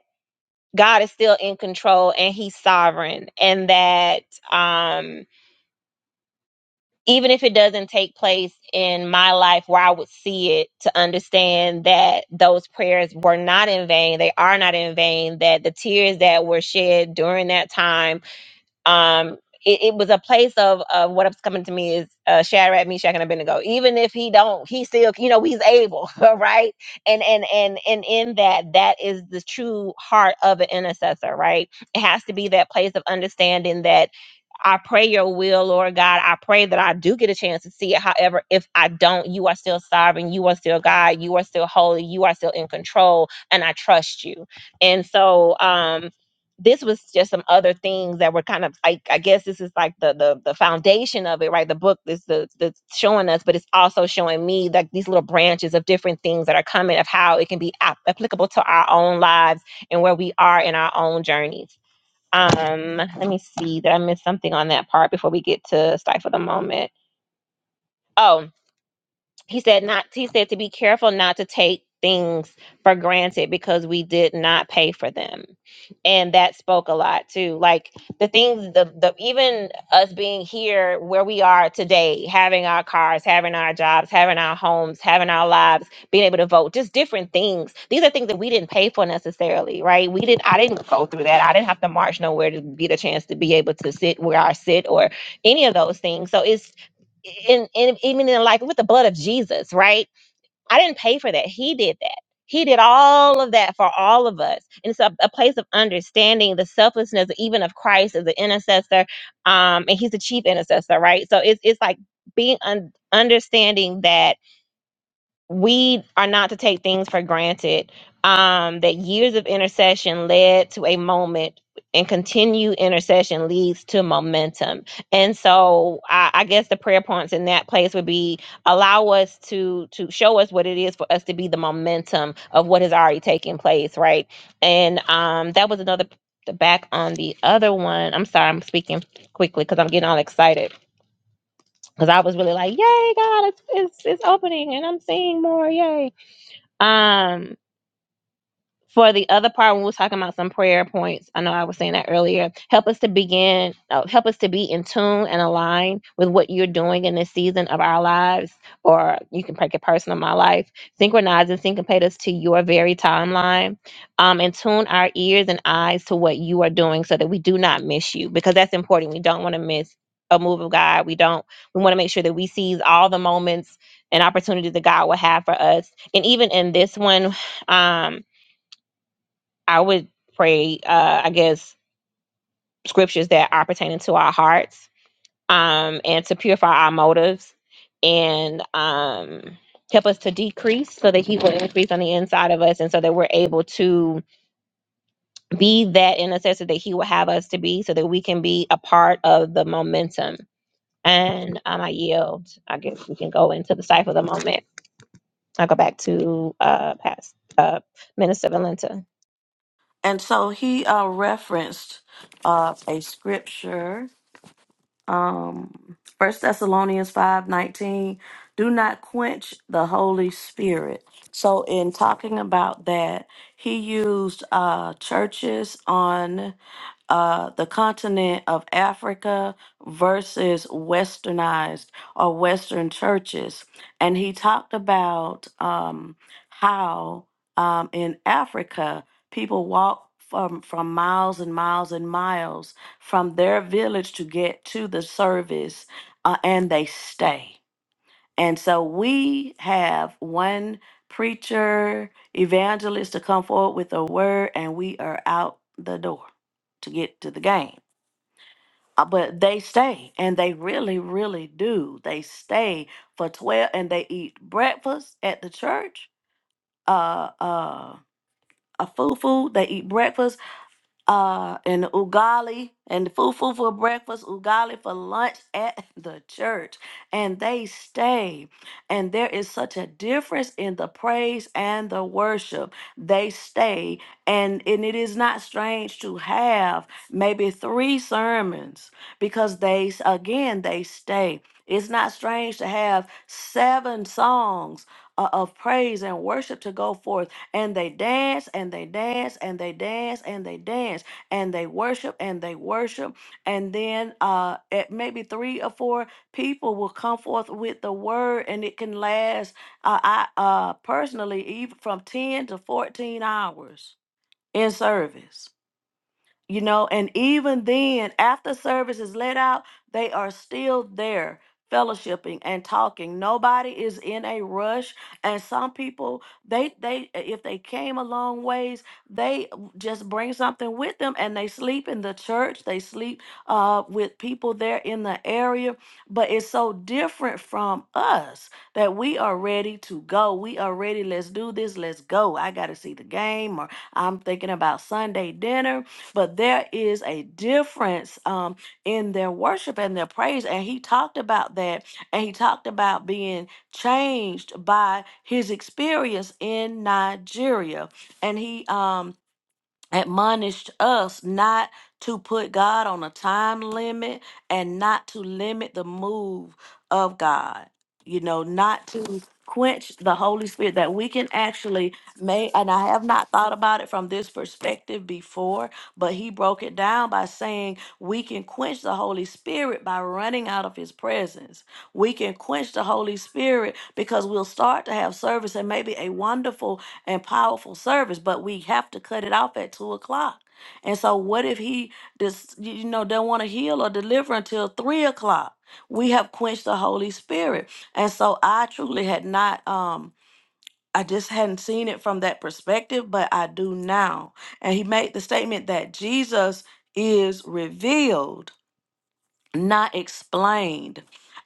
God is still in control and He's sovereign, and that um, even if it doesn't take place in my life where I would see it, to understand that those prayers were not in vain. They are not in vain. That the tears that were shed during that time um it, it was a place of of what's coming to me is uh Shadrach, Meshach, and Abednego. Even if he don't, he still, you know, he's able, right? And and and and in that, that is the true heart of an intercessor, right? It has to be that place of understanding that I pray your will, Lord God. I pray that I do get a chance to see it. However, if I don't, you are still sovereign. You are still God. You are still holy. You are still in control. And I trust you. And so, um, this was just some other things that were kind of like I guess this is like the the the foundation of it, right? The book is the that's showing us, but it's also showing me like these little branches of different things that are coming of how it can be ap- applicable to our own lives and where we are in our own journeys. Um, let me see. Did I miss something on that part before we get to stifle the moment? Oh, he said not he said to be careful not to take things for granted because we did not pay for them and that spoke a lot too like the things the, the even us being here where we are today having our cars having our jobs having our homes having our lives being able to vote just different things these are things that we didn't pay for necessarily right we didn't i didn't go through that i didn't have to march nowhere to get a chance to be able to sit where i sit or any of those things so it's in, in even in like with the blood of Jesus, right? I didn't pay for that. He did that. He did all of that for all of us. And it's a, a place of understanding the selflessness even of Christ as an intercessor. Um, and he's the chief intercessor, right? So it's it's like being un- understanding that we are not to take things for granted. Um, that years of intercession led to a moment, and continued intercession leads to momentum. And so, I, I guess the prayer points in that place would be allow us to to show us what it is for us to be the momentum of what has already taken place, right? And um, that was another the back on the other one. I'm sorry, I'm speaking quickly because I'm getting all excited because I was really like, "Yay, God, it's, it's it's opening, and I'm seeing more, yay!" Um, for the other part when we are talking about some prayer points i know i was saying that earlier help us to begin uh, help us to be in tune and align with what you're doing in this season of our lives or you can make it personal my life synchronize and syncopate us to your very timeline um, and tune our ears and eyes to what you are doing so that we do not miss you because that's important we don't want to miss a move of god we don't we want to make sure that we seize all the moments and opportunities that god will have for us and even in this one um I would pray, uh, I guess, scriptures that are pertaining to our hearts um, and to purify our motives and um, help us to decrease so that He will increase on the inside of us and so that we're able to be that intercessor that He will have us to be so that we can be a part of the momentum. And um, I yield. I guess we can go into the cipher of the moment. I'll go back to uh, past uh, Minister Valenta.
And so he uh, referenced uh, a scripture, um, 1 Thessalonians five nineteen. do not quench the Holy Spirit. So, in talking about that, he used uh, churches on uh, the continent of Africa versus westernized or Western churches. And he talked about um, how um, in Africa, people walk from, from miles and miles and miles from their village to get to the service, uh, and they stay. And so we have one preacher, evangelist to come forward with a word, and we are out the door to get to the game. Uh, But they stay, and they really, really do. They stay for 12, and they eat breakfast at the church, uh, uh, a food food. They eat breakfast uh, and ugali and fufu for breakfast, ugali for lunch at the church. And they stay. And there is such a difference in the praise and the worship. They stay. And, and it is not strange to have maybe three sermons because they, s- again, they stay. It's not strange to have seven songs uh, of praise and worship to go forth and they dance and they dance and they dance and they dance and they worship and they worship. And then uh, at maybe three or four people will come forth with the word and it can last, uh, I uh, personally, even from 10 to 14 hours in service you know and even then after service is let out they are still there fellowshipping and talking nobody is in a rush and some people they they if they came a long ways they just bring something with them and they sleep in the church they sleep uh, with people there in the area but it's so different from us that we are ready to go we are ready let's do this let's go i gotta see the game or i'm thinking about sunday dinner but there is a difference um, in their worship and their praise. And he talked about that, and he talked about being changed by his experience in Nigeria. And he um, admonished us not to put God on a time limit and not to limit the move of God. You know, not to quench the Holy Spirit that we can actually make and I have not thought about it from this perspective before, but he broke it down by saying we can quench the Holy Spirit by running out of his presence. We can quench the Holy Spirit because we'll start to have service and maybe a wonderful and powerful service, but we have to cut it off at two o'clock. And so, what if he just you know don't want to heal or deliver until three o'clock? We have quenched the Holy Spirit, and so I truly had not. um I just hadn't seen it from that perspective, but I do now. And he made the statement that Jesus is revealed not explained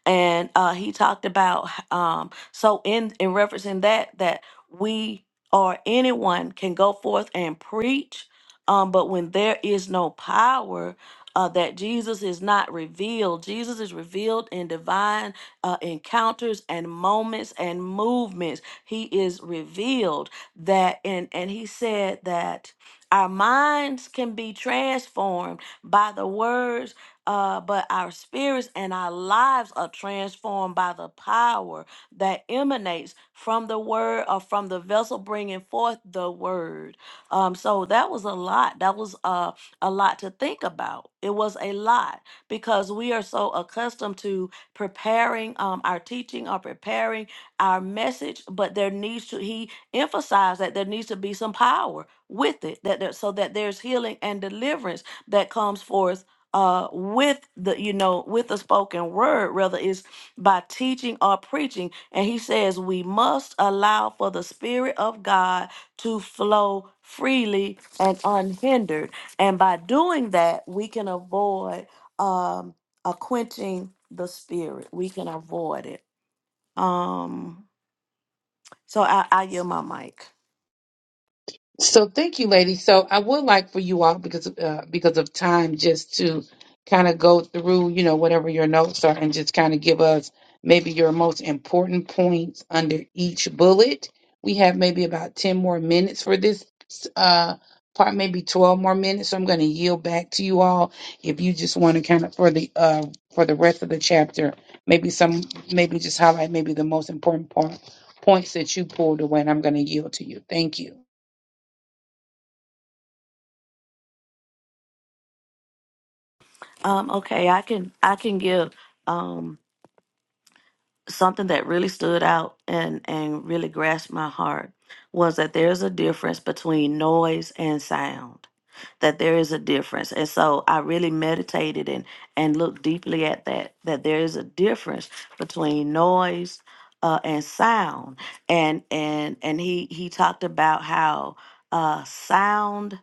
and uh he talked about um so in in referencing that that we or anyone can go forth and preach um but when there is no power uh, that Jesus is not revealed. Jesus is revealed in divine uh, encounters and moments and movements. He is revealed that, and and he said that our minds can be transformed by the words uh, but our spirits and our lives are transformed by the power that emanates from the word or from the vessel bringing forth the word. Um, so that was a lot. That was uh, a lot to think about. It was a lot because we are so accustomed to preparing um, our teaching or preparing our message, but there needs to, he emphasized that there needs to be some power with it that there, so that there's healing and deliverance that comes forth uh with the you know with a spoken word rather is by teaching or preaching and he says we must allow for the spirit of god to flow freely and unhindered and by doing that we can avoid um a quenching the spirit we can avoid it um so i i yield my mic
So thank you, ladies. So I would like for you all, because of, uh, because of time, just to kind of go through, you know, whatever your notes are, and just kind of give us maybe your most important points under each bullet. We have maybe about ten more minutes for this uh, part, maybe twelve more minutes. So I'm going to yield back to you all if you just want to kind of for the uh, for the rest of the chapter, maybe some, maybe just highlight maybe the most important point, points that you pulled away, and I'm going to yield to you. Thank you.
um okay i can i can give um something that really stood out and and really grasped my heart was that there is a difference between noise and sound that there is a difference and so i really meditated and and looked deeply at that that there is a difference between noise uh, and sound and and and he he talked about how uh sound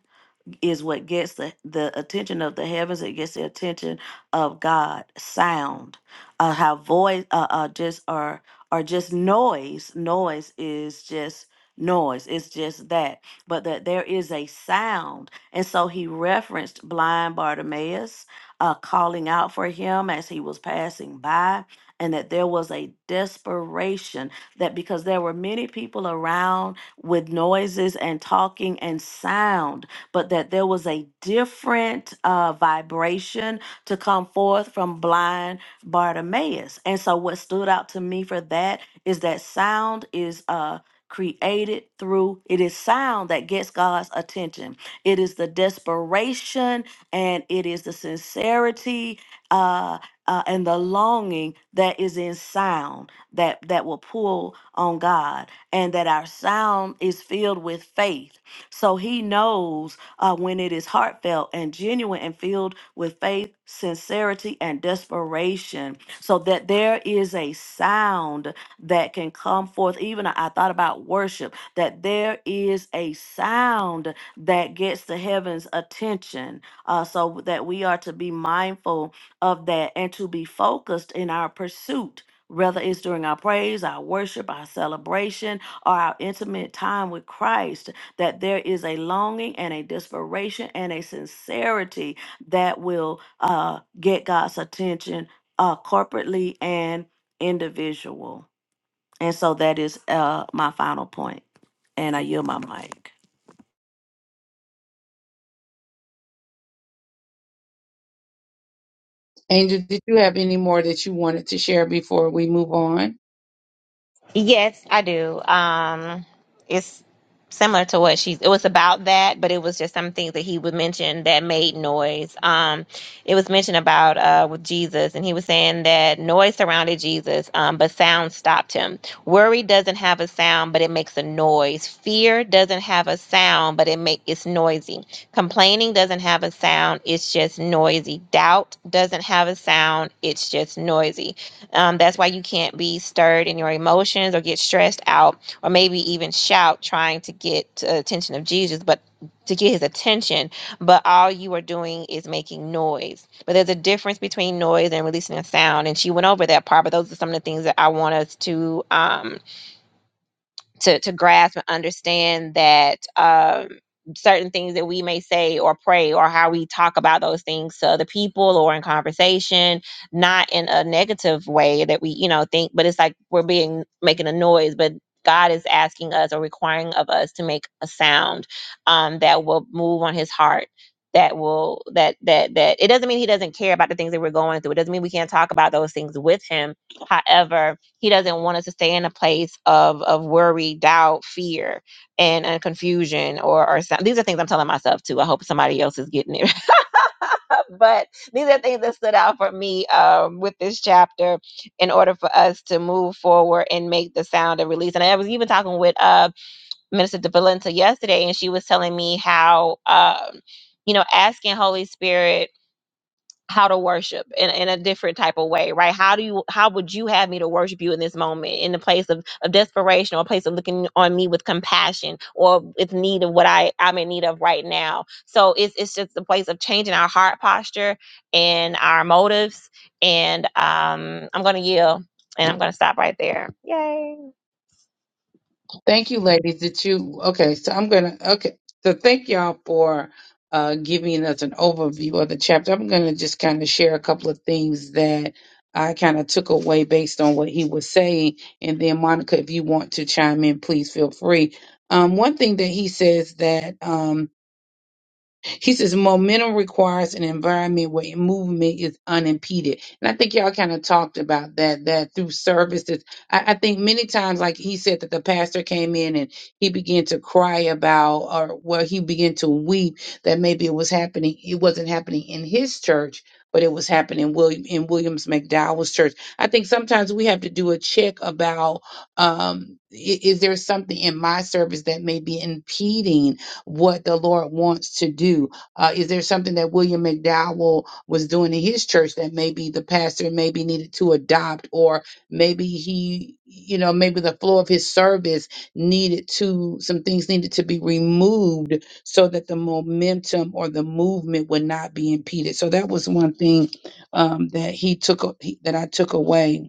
is what gets the, the attention of the heavens. It gets the attention of God. Sound, uh, how voice, uh, uh, just are are just noise. Noise is just noise. It's just that. But that there is a sound, and so he referenced blind Bartimaeus uh, calling out for him as he was passing by, and that there was a desperation that because there were many people around with noises and talking and sound but that there was a different uh, vibration to come forth from blind Bartimaeus. And so, what stood out to me for that is that sound is uh, created through it is sound that gets God's attention. It is the desperation and it is the sincerity uh, uh, and the longing that is in sound that that will pull on God, and that our sound is filled with faith. So He knows uh, when it is heartfelt and genuine and filled with faith, sincerity, and desperation, so that there is a sound that can come forth. Even I I thought about worship, that there is a sound that gets the heaven's attention, uh, so that we are to be mindful of that and to be focused in our pursuit. Whether it's during our praise, our worship, our celebration, or our intimate time with Christ, that there is a longing and a desperation and a sincerity that will uh, get God's attention uh, corporately and individual. And so that is uh, my final point. And I yield my mic.
Angel, did you have any more that you wanted to share before we move on?
Yes, I do. Um, it's similar to what she's. It was about that, but it was just some things that he would mention that made noise. Um, it was mentioned about uh, with Jesus, and he was saying that noise surrounded Jesus, um, but sound stopped him. Worry doesn't have a sound, but it makes a noise. Fear doesn't have a sound, but it make it's noisy. Complaining doesn't have a sound; it's just noisy. Doubt doesn't have a sound; it's just noisy um, that's why you can't be stirred in your emotions or get stressed out or maybe even shout trying to get to attention of Jesus, but to get his attention. But all you are doing is making noise. But there's a difference between noise and releasing a sound. And she went over that part, but those are some of the things that I want us to. Um, to to grasp and understand that um, certain things that we may say or pray or how we talk about those things to other people or in conversation, not in a negative way that we you know think, but it's like we're being making a noise, but. God is asking us or requiring of us to make a sound um, that will move on His heart. That will that that that it doesn't mean He doesn't care about the things that we're going through. It doesn't mean we can't talk about those things with Him. However, he doesn't want us to stay in a place of of worry, doubt, fear, and, and confusion or or some, these are things I'm telling myself too. I hope somebody else is getting it. but these are things that stood out for me um, with this chapter in order for us to move forward and make the sound of release. And I was even talking with uh, Minister DeValenta yesterday, and she was telling me how um, you know asking Holy Spirit how to worship in, in a different type of way, right? How do you how would you have me to worship you in this moment in the place of, of desperation or a place of looking on me with compassion or with need of what I, I'm in need of right now. So it's it's just a place of changing our heart posture and our motives. And um I'm gonna yield and I'm gonna stop right there. Yay.
Thank you, ladies. Did you okay? So I'm gonna okay. So thank y'all for uh, giving us an overview of the chapter. I'm gonna just kind of share a couple of things that I kind of took away based on what he was saying, and then Monica, if you want to chime in, please feel free. Um, one thing that he says that um, He says momentum requires an environment where movement is unimpeded. And I think y'all kind of talked about that, that through services. I, I think many times, like he said, that the pastor came in and he began to cry about or well, he began to weep that maybe it was happening, it wasn't happening in his church. But it was happening in William in Williams McDowell's church. I think sometimes we have to do a check about um, i- is there something in my service that may be impeding what the Lord wants to do. Uh, is there something that William McDowell was doing in his church that maybe the pastor maybe needed to adopt, or maybe he, you know, maybe the flow of his service needed to, some things needed to be removed so that the momentum or the movement would not be impeded. So that was one thing um, that he took, that I took away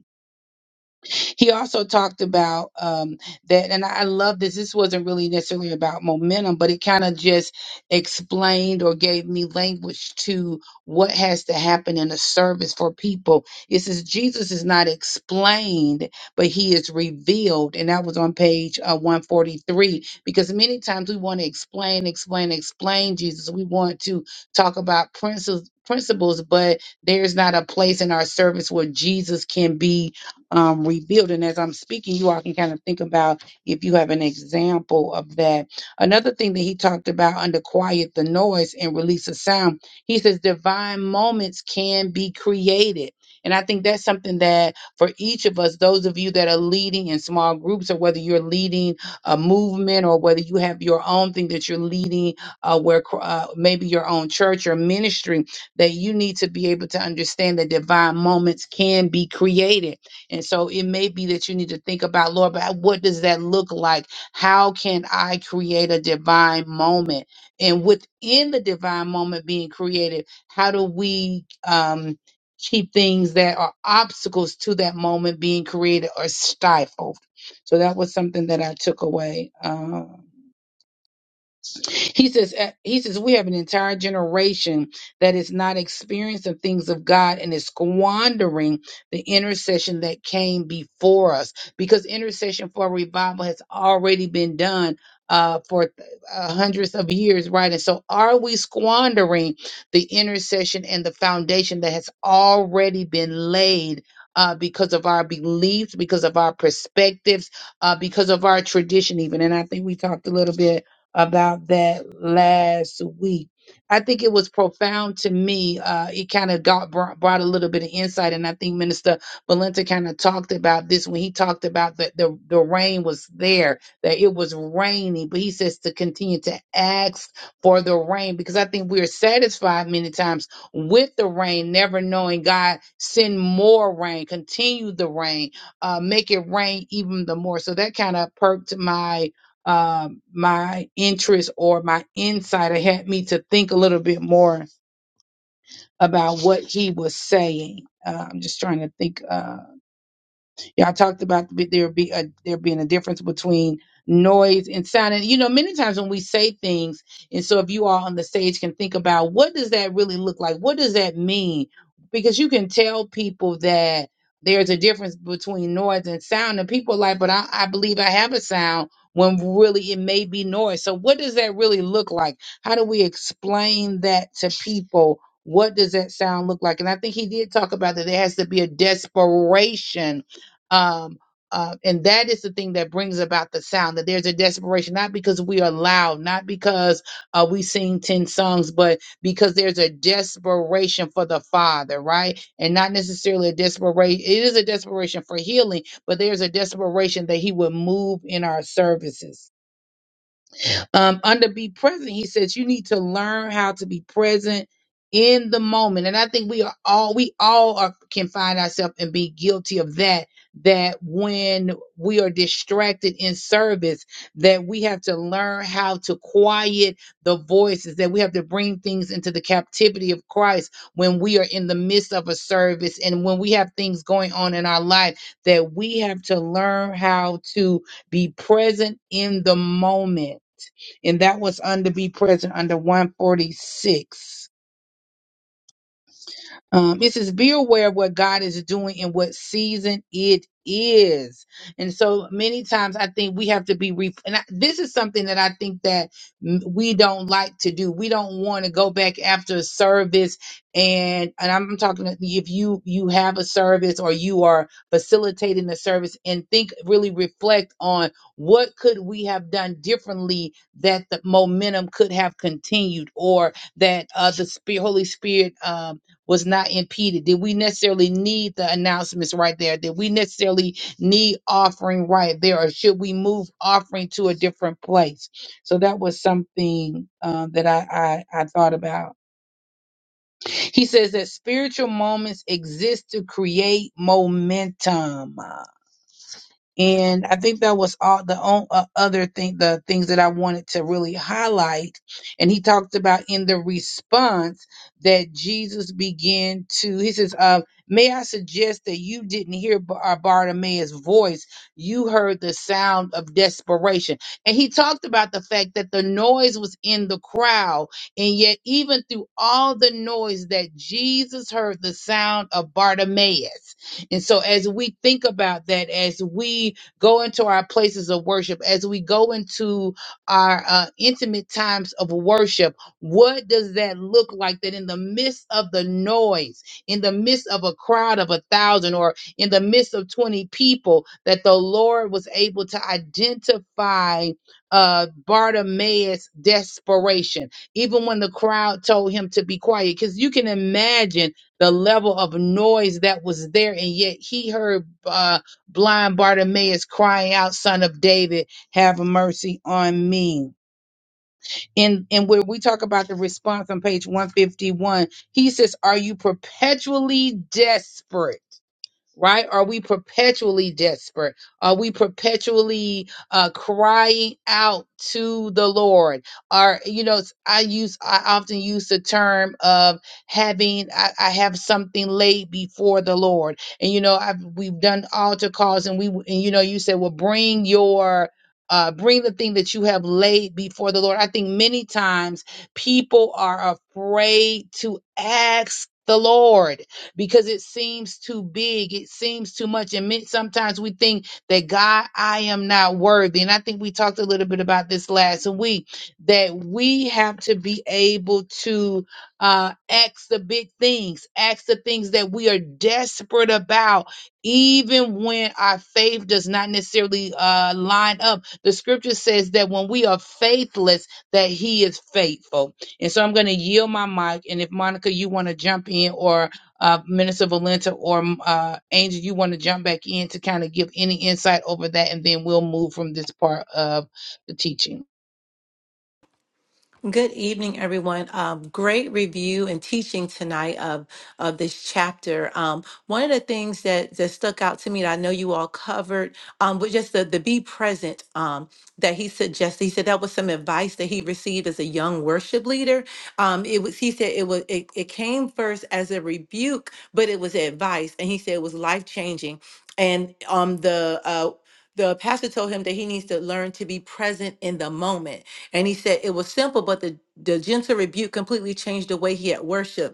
he also talked about um, that, and I I love this. This wasn't really necessarily about momentum, but it kind of just explained or gave me language to what has to happen in a service for people. It says Jesus is not explained, but he is revealed. And that was on page uh, 143, because many times we want to explain, explain, explain Jesus. We want to talk about principles. Principles, but there's not a place in our service where Jesus can be um, revealed. And as I'm speaking, you all can kind of think about if you have an example of that. Another thing that he talked about under quiet the noise and release of sound, he says divine moments can be created. And I think that's something that for each of us, those of you that are leading in small groups, or whether you're leading a movement, or whether you have your own thing that you're leading, uh, where cr- uh, maybe your own church or ministry, that you need to be able to understand that divine moments can be created and so it may be that you need to think about, Lord, but what does that look like? How can I create a divine moment? And within the divine moment being created, how do we um, keep things that are obstacles to that moment being created or stifled? So that was something that I took away. Um, he says, eh, he says, we have an entire generation that is not experiencing the things of God and is squandering the intercession that came before us because intercession for revival has already been done uh, for uh, hundreds of years, right? And so, are we squandering the intercession and the foundation that has already been laid? Uh, because of our beliefs, because of our perspectives, uh, because of our tradition, even. And I think we talked a little bit about that last week. I think it was profound to me. Uh, it kind of got brought, brought a little bit of insight, and I think Minister Valenta kind of talked about this when he talked about that the, the rain was there, that it was raining, but he says to continue to ask for the rain because I think we're satisfied many times with the rain, never knowing God send more rain, continue the rain, uh, make it rain even the more. So that kind of perked my um, my interest or my insight. It had me to think a little bit more about what he was saying. Uh, I'm just trying to think. uh, Y'all talked about the- there be a, there being a difference between noise and sound. And you know, many times when we say things, and so if you all on the stage can think about what does that really look like? What does that mean? Because you can tell people that there's a difference between noise and sound, and people are like, but I, I believe I have a sound when really it may be noise. So what does that really look like? How do we explain that to people? What does that sound look like? And I think he did talk about that there has to be a desperation um, uh, and that is the thing that brings about the sound that there's a desperation not because we are loud not because uh, we sing 10 songs but because there's a desperation for the father right and not necessarily a desperation it is a desperation for healing but there's a desperation that he would move in our services um, under be present, he says you need to learn how to be present in the moment. And I think we are all we all are, can find ourselves and be guilty of that. That when we are distracted in service, that we have to learn how to quiet the voices, that we have to bring things into the captivity of Christ when we are in the midst of a service and when we have things going on in our life, that we have to learn how to be present in the moment and that was under be present under 146 um, it says, be aware of what God is doing and what season it is. And so many times I think we have to be, re- and I, this is something that I think that mm, we don't like to do. We don't want to go back after a service and, and I'm talking to- if you, you have a service or you are facilitating the service and think, really reflect on what could we have done differently that the momentum could have continued or that, uh, the spirit, Holy Spirit, um, was not impeded? Did we necessarily need the announcements right there? Did we necessarily need offering right there? Or should we move offering to a different place? So that was something um, that I, I, I thought about. He says that spiritual moments exist to create momentum. And I think that was all the o- uh, other thing, the things that I wanted to really highlight. And he talked about in the response that Jesus began to, he says, uh, May I suggest that you didn't hear Bar- uh, Bartimaeus' voice? You heard the sound of desperation. And he talked about the fact that the noise was in the crowd. And yet, even through all the noise, that Jesus heard the sound of Bartimaeus. And so, as we think about that, as we go into our places of worship, as we go into our uh, intimate times of worship, what does that look like? That in the midst of the noise, in the midst of a crowd of a thousand, or in the midst of 20 people, that the Lord was able to identify uh, Bartimaeus' desperation, even when the crowd told him to be quiet. Because you can imagine the level of noise that was there, and yet he heard uh, blind Bartimaeus crying out, "Son of David, have mercy on me." And and where we talk about the response on page one fifty one, he says, "Are you perpetually desperate?" right? Are we perpetually desperate? Are we perpetually uh, crying out to the Lord? Are you know? s- I use I often use the term of having I, I have something laid before the Lord, and you know I've we've done altar calls, and we w- and you know you said well bring your uh, bring the thing that you have laid before the Lord. I think many times people are afraid to ask the Lord because it seems too big. It seems too much. And men- sometimes we think that God, I am not worthy. And I think we talked a little bit about this last week that we have to be able to uh, ask the big things, ask the things that we are desperate about, even when our faith does not necessarily uh, line up. The scripture says that when we are faithless, that He is faithful. And so I'm going to yield my mic. And if Monica, you want to jump in or uh, Minister Valenta or uh, Angel, you want to jump back in to kind of give any insight over that, and then we'll move from this part of the teaching.
Good evening, everyone. Um, great review and teaching tonight of of this chapter. Um, one of the things that that stuck out to me that I know you all covered um, was just the the be present um, that he suggested. He said that was some advice that he received as a young worship leader. Um, it was he said it was it, it came first as a rebuke, but it was advice, and he said it was life changing. And um, the uh, the pastor told him that he needs to learn to be present in the moment And he said it was simple, but the, the gentle rebuke completely changed the way he had worshiped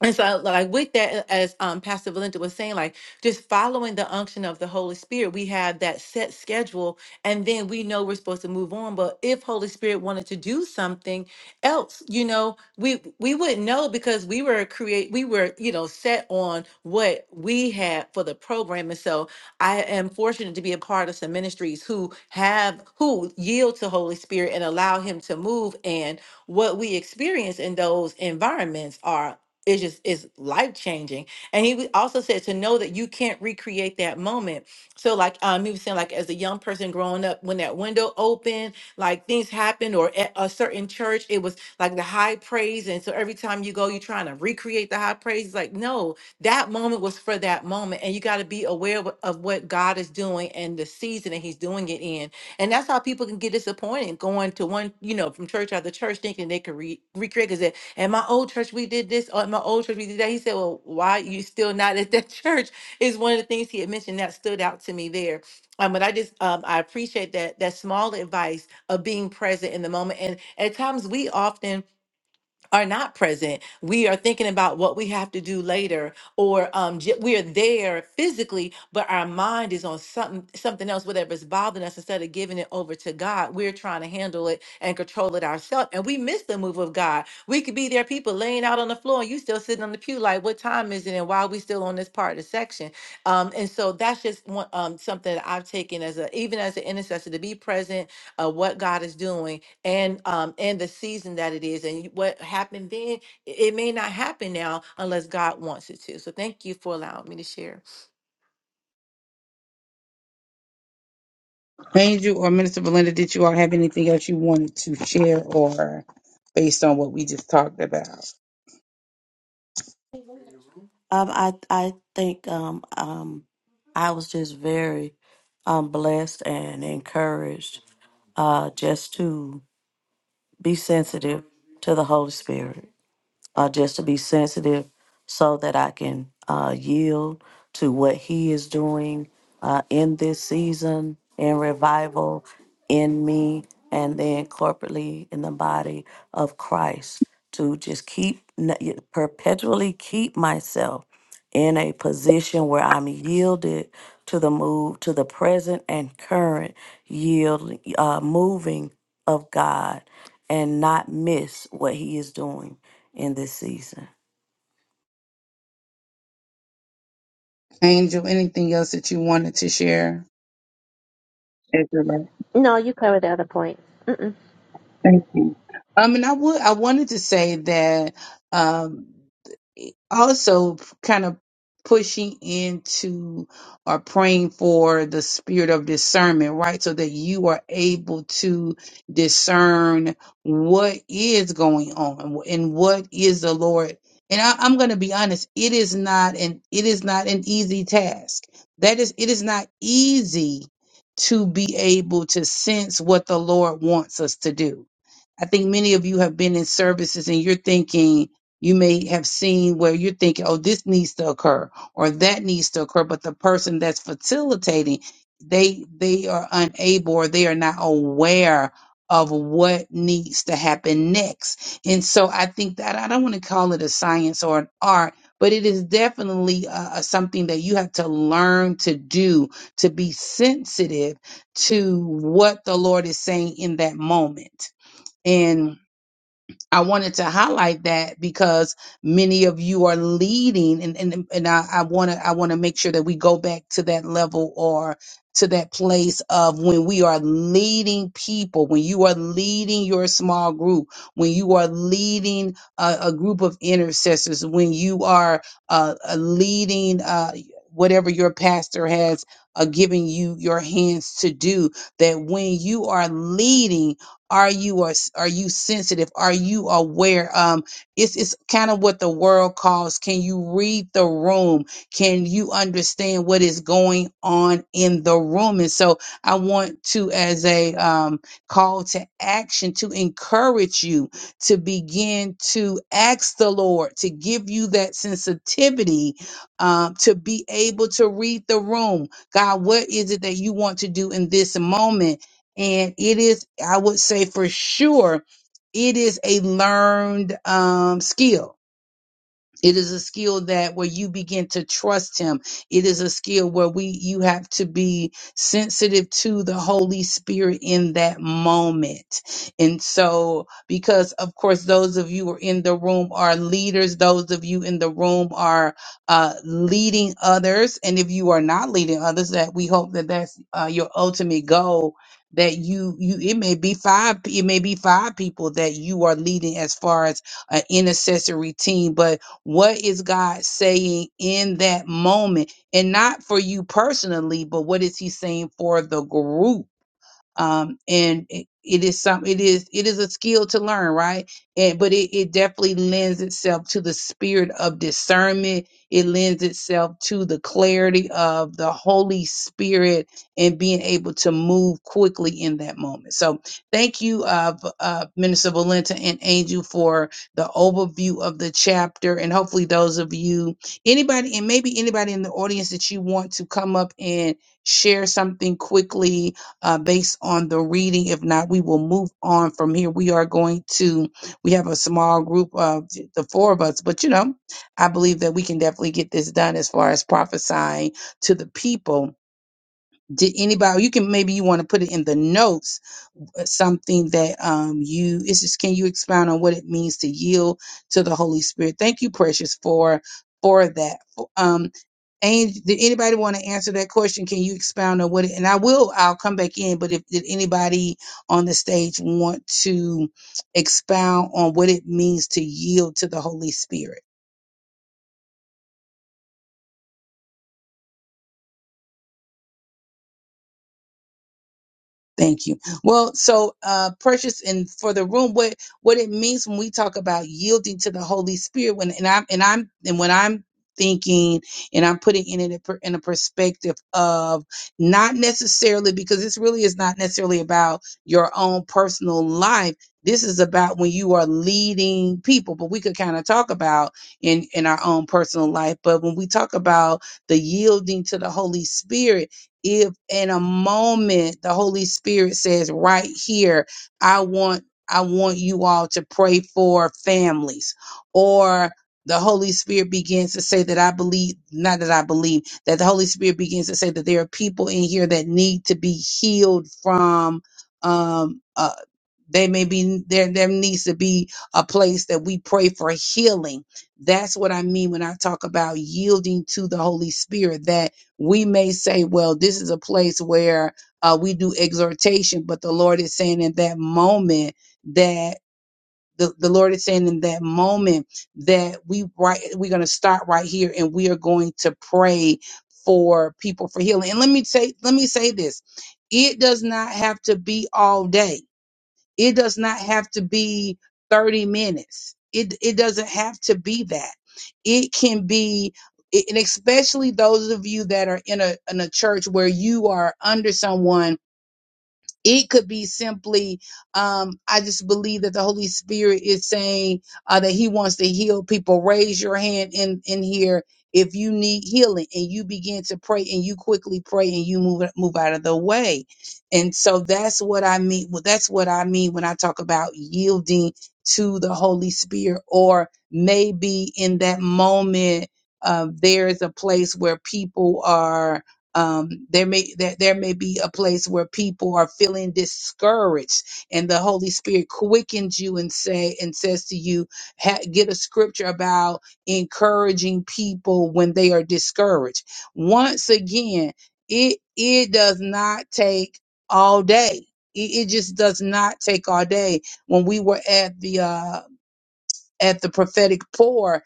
and so, like with that, as um, Pastor Valenta was saying, like just following the unction of the Holy Spirit, we have that set schedule, and then we know we're supposed to move on. But if Holy Spirit wanted to do something else, you know, we we wouldn't know because we were create, we were you know set on what we had for the program. And so, I am fortunate to be a part of some ministries who have who yield to Holy Spirit and allow Him to move. And what we experience in those environments are is just is life changing and he w- also said to know that you can't recreate that moment so like um he was saying like as a young person growing up when that window opened like things happened or at a certain church it was like the high praise and so every time you go you're trying to recreate the high praise It's like no that moment was for that moment and you got to be aware of, of what god is doing and the season that he's doing it in and that's how people can get disappointed going to one you know from church out the church thinking they could re- recreate 'cause at my old church, we did this. Or at my old church, we did that. He said, Well, why you still not at that church? Is one of the things he had mentioned that stood out to me there. Um, but I just um, I appreciate that that small advice of being present in the moment. And at times we often are not present. We are thinking about what we have to do later, or um, j- we are there physically, but our mind is on something something else, whatever's bothering us. Instead of giving it over to God, we're trying to handle it and control it ourselves, and we miss the move of God. We could be there, people laying out on the floor, and you still sitting on the pew, like, what time is it, and why are we still on this part of the section? Um, and so that's just one, um, something that I've taken as a even as an intercessor to be present, of what God is doing and um and the season that it is and what happened then it it may not happen now unless god wants it to so thank you for allowing me to share
Angel or Minister Valenta, did you all have anything else you wanted to share, or based on what we just talked about?
Um, I I think um um I was just very um blessed and encouraged uh just to be sensitive to the Holy Spirit. uh, just to be sensitive so that I can uh, yield to what He is doing uh, in this season, in revival, in me, and then corporately in the body of Christ to just keep n- y- perpetually keep myself in a position where I'm yielded to the move, to the present and current yield, uh, moving of God, and not miss what He is doing in this season.
Angel, anything else that you wanted to share? It's right.
No, you covered the other point.
Thank you. Um, and I would I wanted to say that um eh, also kind of pushing into or praying for the spirit of discernment, right? So that you are able to discern what is going on and what is the Lord. And I, I'm going to be honest, it is not an it is not an easy task. That is, it is not easy to be able to sense what the Lord wants us to do. I think many of you have been in services and you're thinking, you may have seen where you're thinking, oh, this needs to occur or that needs to occur, but the person that's facilitating, they they are unable or they are not aware of what needs to happen next. And so I think that I don't want to call it a science or an art, but it is definitely uh, uh, something that you have to learn to do to be sensitive to what the Lord is saying in that moment. And I wanted to highlight that because many of you are leading and and, and I, I wanna I wanna make sure that we go back to that level or to that place of when we are leading people, when you are leading your small group, when you are leading a, a group of intercessors, when you are uh, uh, leading uh, whatever your pastor has uh, given you your hands to do, that when you are leading are you are, are you sensitive are you aware um it's it's kind of what the world calls can you read the room can you understand what is going on in the room and so i want to as a um call to action to encourage you to begin to ask the lord to give you that sensitivity um to be able to read the room god what is it that you want to do in this moment and it is i would say for sure it is a learned um, skill it is a skill that where you begin to trust him. It is a skill where we you have to be sensitive to the Holy Spirit in that moment. And so because of course those of you who are in the room are leaders, those of you in the room are uh leading others and if you are not leading others that we hope that that's uh, your ultimate goal that you you it may be five it may be five people that you are leading as far as an intercessory team but what is God saying in that moment? And not for you personally, but what is He saying for the group? um, and it, it is some it is it is a skill to learn right and but it, it definitely lends itself to the spirit of discernment it lends itself to the clarity of the holy spirit and being able to move quickly in that moment so thank you uh, v- uh minister valenta and angel for the overview of the chapter and hopefully those of you anybody and maybe anybody in the audience that you want to come up and share something quickly uh, based on the reading. If not, we will move on from here. We are going to, we have a small group of th- the four of us, but you know, I believe that we can definitely get this done as far as prophesying to the people. Did anybody, you can maybe you want to put it in the notes something that um, you it's just can you expound on what it means to yield to the Holy Spirit? Thank you, precious, for for that. Um, and did anybody want to answer that question? Can you expound on what? It, and I will. I'll come back in. But if did anybody on the stage want to expound on what it means to yield to the Holy Spirit? Thank you. Well, so uh precious and for the room, what what it means when we talk about yielding to the Holy Spirit when and I'm and I'm and when I'm thinking and I'm putting it in a, per- in a perspective of not necessarily because this really is not necessarily about your own personal life. This is about when you are leading people, but we could kind of talk about in in our own personal life. But when we talk about the yielding to the Holy Spirit, if in a moment the holy spirit says right here i want i want you all to pray for families or the holy spirit begins to say that i believe not that i believe that the holy spirit begins to say that there are people in here that need to be healed from um they may be there. There needs to be a place that we pray for healing. That's what I mean when I talk about yielding to the Holy Spirit. That we may say, "Well, this is a place where uh, we do exhortation," but the Lord is saying in that moment that the, the Lord is saying in that moment that we right we're going to start right here and we are going to pray for people for healing. And let me say let me say this: it does not have to be all day it does not have to be 30 minutes. It it doesn't have to be that. It can be and especially those of you that are in a in a church where you are under someone it could be simply um, i just believe that the holy spirit is saying uh, that he wants to heal people raise your hand in in here if you need healing and you begin to pray and you quickly pray and you move move out of the way and so that's what i mean well, that's what i mean when i talk about yielding to the holy spirit or maybe in that moment uh, there is a place where people are um, there may there, there may be a place where people are feeling discouraged and the holy spirit quickens you and say and says to you ha- get a scripture about encouraging people when they are discouraged once again it it does not take all day it, it just does not take all day when we were at the uh at the prophetic pour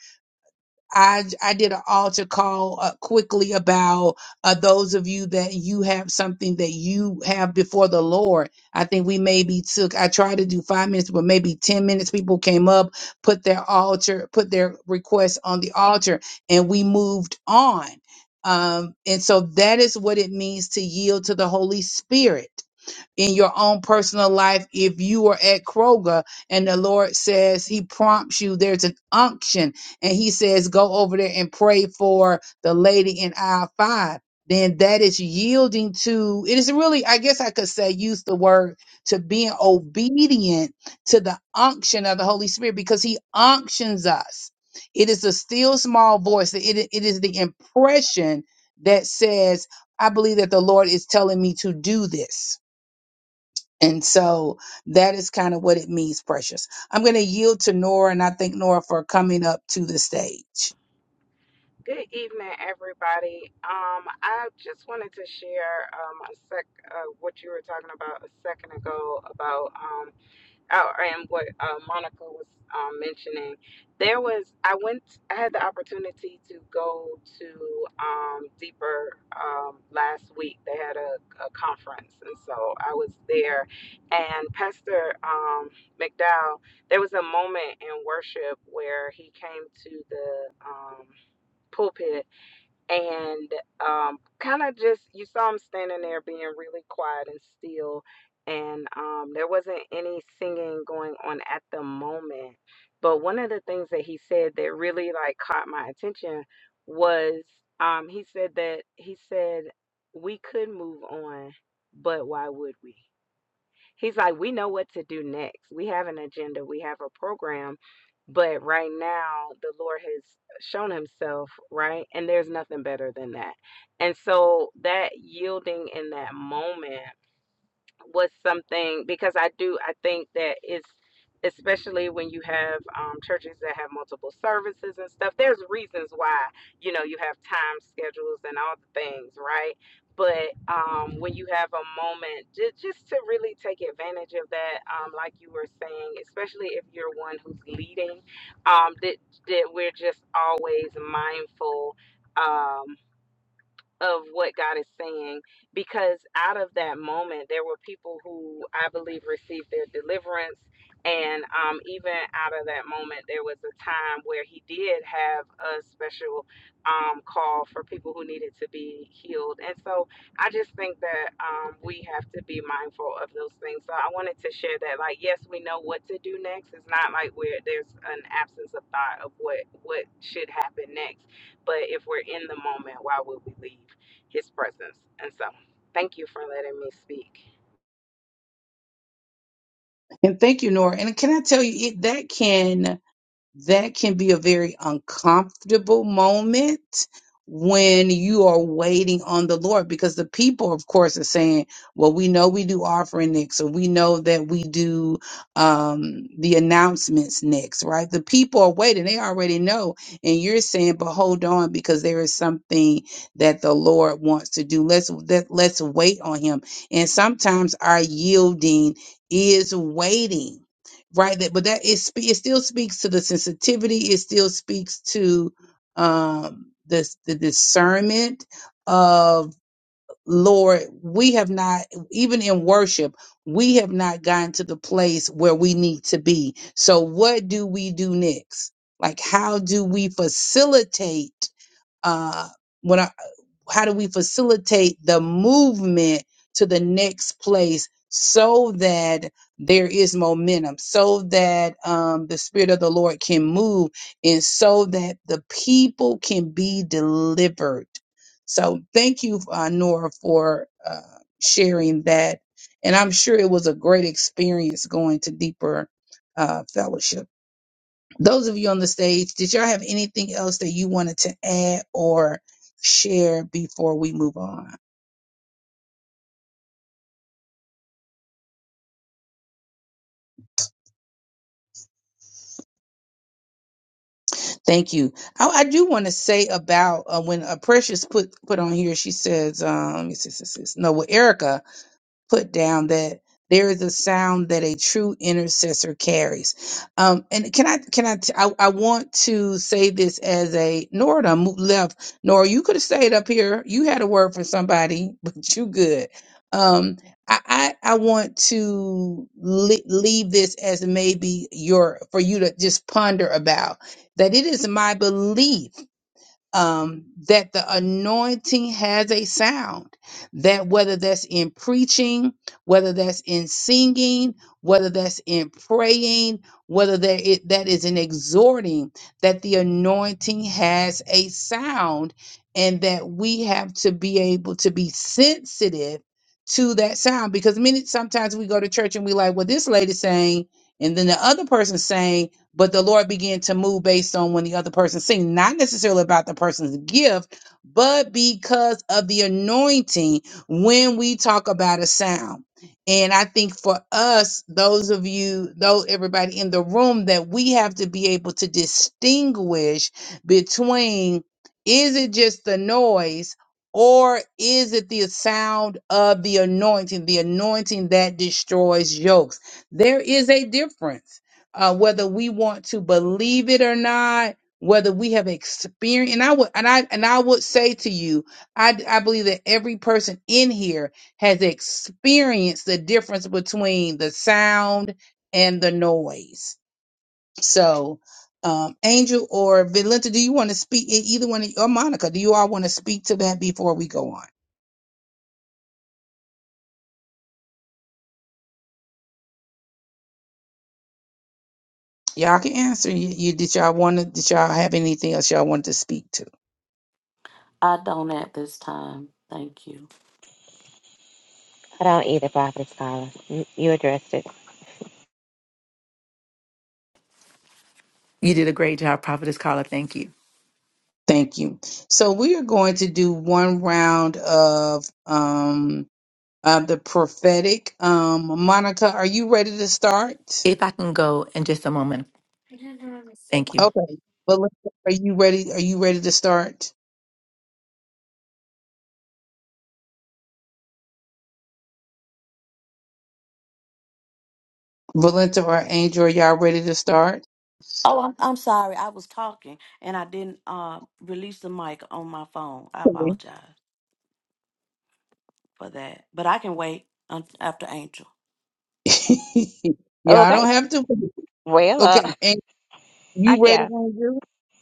I I did an altar call uh, quickly about uh, those of you that you have something that you have before the Lord. I think we maybe took I tried to do five minutes, but maybe ten minutes. People came up, put their altar, put their request on the altar, and we moved on. Um, and so that is what it means to yield to the Holy Spirit in your own personal life if you are at Kroger and the Lord says he prompts you there's an unction and he says go over there and pray for the lady in aisle 5 then that is yielding to it is really I guess I could say use the word to being obedient to the unction of the Holy Spirit because he unctions us it is a still small voice it, it is the impression that says I believe that the Lord is telling me to do this and so that is kind of what it means, precious. I'm going to yield to Nora, and I thank Nora for coming up to the stage.
Good evening, everybody. Um, I just wanted to share um, a sec uh, what you were talking about a second ago about um, oh, and what uh, Monica was um, mentioning. There was I went I had the opportunity to go to um, Deeper um, last week. They had a, a conference, and so I was there. And Pastor um, McDowell, there was a moment in worship where he came to the um, pulpit and um, kind of just you saw him standing there being really quiet and still and um, there wasn't any singing going on at the moment but one of the things that he said that really like caught my attention was um, he said that he said we could move on but why would we He's like, we know what to do next. We have an agenda, we have a program, but right now the Lord has shown himself, right? And there's nothing better than that. And so that yielding in that moment was something because I do I think that it's especially when you have um, churches that have multiple services and stuff. There's reasons why you know you have time schedules and all the things, right? But um, when you have a moment, just, just to really take advantage of that, um, like you were saying, especially if you're one who's leading, um, that that we're just always mindful. Um, of what God is saying because out of that moment there were people who I believe received their deliverance and um, even out of that moment there was a time where he did have a special um, call for people who needed to be healed and so I just think that um, we have to be mindful of those things so I wanted to share that like yes we know what to do next it's not like we're there's an absence of thought of what what should happen next but if we're in the moment, why would we leave? his presence. And so, thank you for letting me speak.
And thank you, Nora. And can I tell you, it, that can that can be a very uncomfortable moment when you are waiting on the Lord because the people, of course, are saying, Well, we know we do offering next, or we know that we do um, the announcements next, right? The people are waiting, they already know. And you're saying, But hold on, because there is something that the Lord wants to do. Let's that, let's wait on him. And sometimes our yielding is waiting right that but that it, spe- it still speaks to the sensitivity it still speaks to um the, the discernment of lord we have not even in worship we have not gotten to the place where we need to be so what do we do next like how do we facilitate uh how do we facilitate the movement to the next place so that there is momentum so that um, the spirit of the lord can move and so that the people can be delivered so thank you uh, nora for uh, sharing that and i'm sure it was a great experience going to deeper uh, fellowship those of you on the stage, did y'all have anything else that you wanted to add or share before we move on? Thank you. I, I do want to say about uh, when uh, Precious put put on here, she says, um, it's, it's, it's, no, well, Erica put down that there is a sound that a true intercessor carries. Um, and can I can I I I want to say this as a Nora done moved left Nora you could have stayed up here you had a word for somebody but you good. Um, I I, I want to le- leave this as maybe your for you to just ponder about that. It is my belief um, that the anointing has a sound. That whether that's in preaching, whether that's in singing, whether that's in praying, whether that it, that is in exhorting, that the anointing has a sound, and that we have to be able to be sensitive to that sound. Because many sometimes we go to church and we like, well, this lady saying, and then the other person saying but the Lord began to move based on when the other person sing, not necessarily about the person's gift, but because of the anointing when we talk about a sound. And I think for us, those of you, though everybody in the room, that we have to be able to distinguish between is it just the noise or is it the sound of the anointing, the anointing that destroys yokes? There is a difference uh, whether we want to believe it or not, whether we have experienced, and I would, and I, and I would say to you, I, I believe that every person in here has experienced the difference between the sound and the noise. So, um, Angel or Valenta, do you want to speak? e- Either one, of- or Monica, do you all want to speak to that before we go on? Y'all can answer. You, you did y'all want to? Did y'all have anything else y'all wanted to speak
I don't at this time. Thank you.
Ta-da. You you addressed it.
you did a great job prophetess carla thank you
Thank you. So we are going to do one round of um of the prophetic. Um Monica, are you ready to start?
if i can go in just a moment thank you
Okay. Valenta, are you ready? Are you ready to start? Valenta or Angel, are y'all ready to start?
Oh, I'm, I'm sorry. I was talking and I didn't uh, release the mic on my phone. I
Okay.
apologize for that. But I can wait un- after Angel.
y'all don't
Okay.
have to
Well, uh,
Okay, and
I
you ready,
guess.
Angel?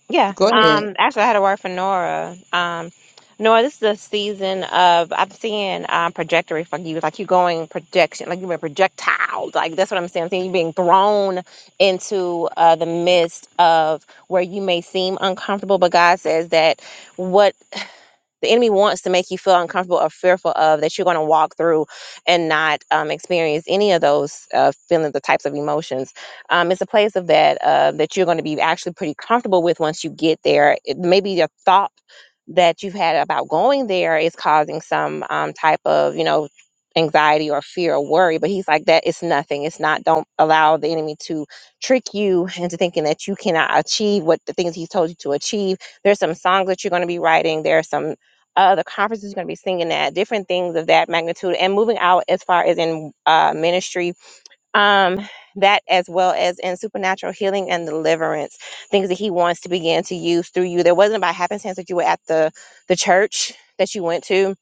Yeah.
Go ahead.
Um, actually, I had a word for Nora. Um, Nora, this is a season of I'm seeing um, trajectory for you. Like you going projection, like you were projectile. Like that's what I'm saying. I'm seeing you being thrown into uh, the midst of where you may seem uncomfortable, but God says that what the enemy wants to make you feel uncomfortable or fearful of that you're going to walk through and not um, experience any of those uh, feelings, the types of emotions. Um, it's a place of that uh, that you're going to be actually pretty comfortable with once you get there. It, maybe your thought that you've had about going there is causing some um, type of you know anxiety or fear or worry but he's like that it's nothing it's not don't allow the enemy to trick you into thinking that you cannot achieve what the things he's told you to achieve there's some songs that you're going to be writing. There are some uh, the conference is going to be singing that, different things of that magnitude, and moving out as far as in uh, ministry, um, that as well as in supernatural healing and deliverance, things that He wants to begin to use through you. There wasn't by happenstance that you were at the the church that you went to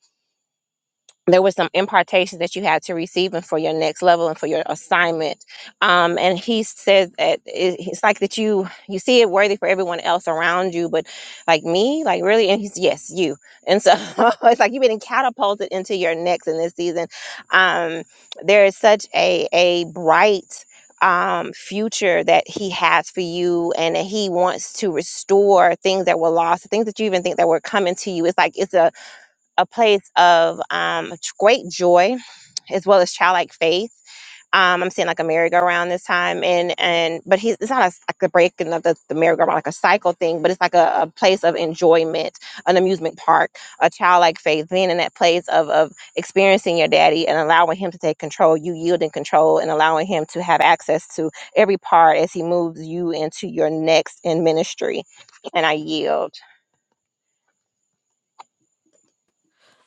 there were some impartations that you had to receive and for your next level and for your assignment um, and he says that it, it's like that you you see it worthy for everyone else around you but like me like really and he's yes you and so it's like you've been catapulted into your next in this season um, there is such a a bright um, future that he has for you and that he wants to restore things that were lost things that you even think that were coming to you it's like it's a a place of um, great joy as well as childlike faith. Um, I'm seeing like a merry-go-round this time, and and but he's it's not a, like the breaking of the, the merry-go-round like a cycle thing, but it's like a, a place of enjoyment, an amusement park, a childlike faith, being in that place of of experiencing your daddy and allowing him to take control, you yielding control, and allowing him to have access to every part as he moves you into your next in ministry. And I yield.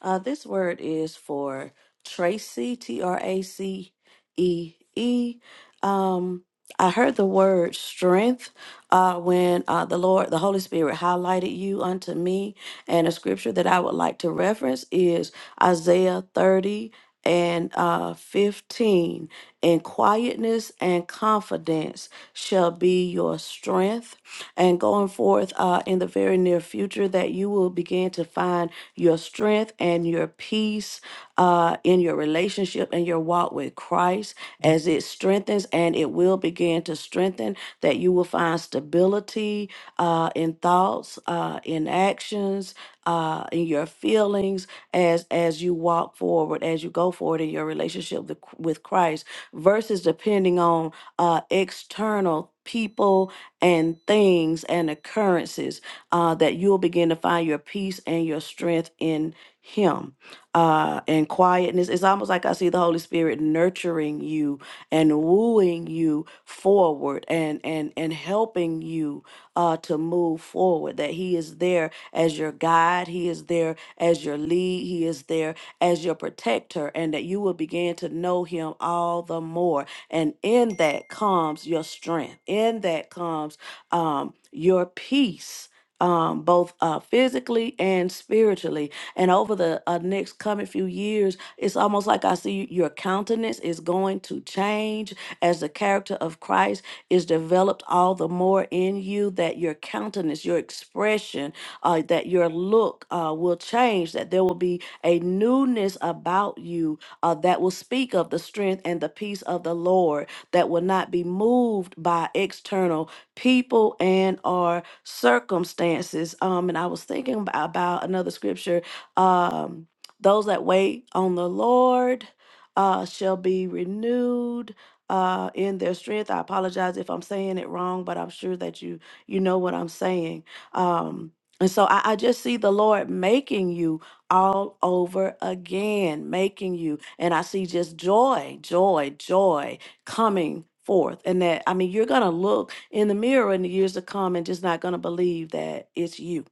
Uh, this word is for Tracy, T R A C E E. Um, I heard the word strength uh, when uh, the Lord, the Holy Spirit, highlighted you unto me. And a scripture that I would like to reference is Isaiah 30 and uh, 15. In quietness and confidence shall be your strength and going forth uh, in the very near future that you will begin to find your strength and your peace uh, in your relationship and your walk with Christ as it strengthens and it will begin to strengthen, that you will find stability uh, in thoughts, uh, in actions, uh, in your feelings as as you walk forward, as you go forward in your relationship with, with Christ versus depending on uh, external people and things and occurrences uh, that you'll begin to find your peace and your strength in Him uh, and quietness. It's almost like I see the Holy Spirit nurturing you and wooing you forward and and and helping you uh, to move forward. That He is there as your guide. He is there as your lead. He is there as your protector, and that you will begin to know Him all the more and in that comes your strength, in that comes um, your peace. Um, both uh, physically and spiritually. And over the uh, next coming few years, it's almost like I see your countenance is going to change as the character of Christ is developed all the more in you that your countenance, your expression, uh, that your look uh, will change, that there will be a newness about you uh, that will speak of the strength and the peace of the Lord, that will not be moved by external people and or circumstances. Um, and I was thinking ab- about another scripture. Um, those that wait on the Lord uh, shall be renewed uh, in their strength. I apologize if I'm saying it wrong, but I'm sure that you you know what I'm saying. Um, and so I, I just see the Lord making you all over again, making you. And I see just joy, joy, joy coming forth. And that, I mean, you're going to look in the mirror in the years to come and just not going to believe that it's you,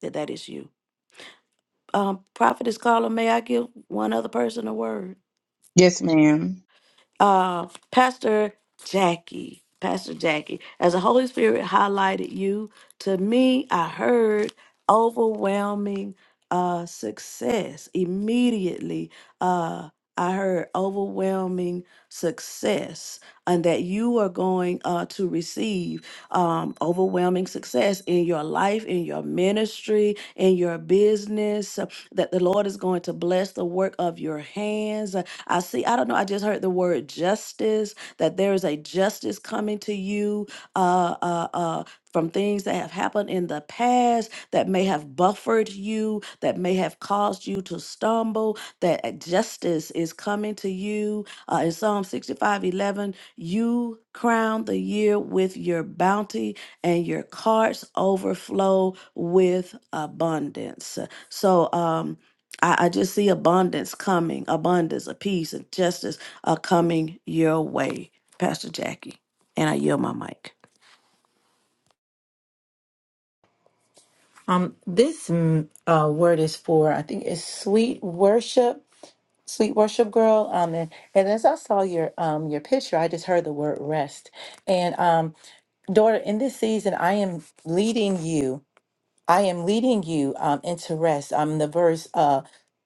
that that is you. Um, Prophetess Carla, may I give one other person a word?
Yes, ma'am.
Uh, Pastor Jackie, Pastor Jackie, as the Holy Spirit highlighted you to me, I heard overwhelming uh, success immediately. Uh, I heard overwhelming success, and that you are going uh, to receive um, overwhelming success in your life, in your ministry, in your business. uh, That the Lord is going to bless the work of your hands, uh, I see, I don't know, I just heard the word justice, that there is a justice coming to you uh, uh, uh, from things that have happened in the past that may have buffered you, that may have caused you to stumble, that uh, justice is coming to you. Uh, in Psalm 65, 11. you crown the year with your bounty and your carts overflow with abundance. So, um, I, I just see abundance coming, abundance of peace and justice are coming your way, Pastor Jackie. And I yield my mic.
um this mm, uh word is for i think it's sweet worship sweet worship girl um and, and as i saw your um your picture i just heard the word rest and um daughter in this season i am leading you I am leading you um, into rest. I'm the verse uh,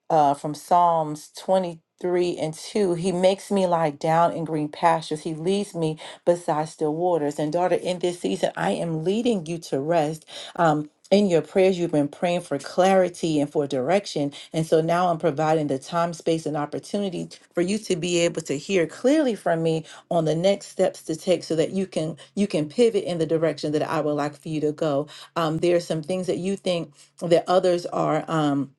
uh, from Psalms 23 and 2. He makes me lie down in green pastures. He leads me beside still waters. And daughter, in this season, I am leading you to rest. Um, in your prayers, you've been praying for clarity and for direction. And so now I'm providing the time, space, and opportunity for you to be able to hear clearly from me on the next steps to take so that you can you can pivot in the direction that I would like for you to go. Um, there are some things that you think that others are um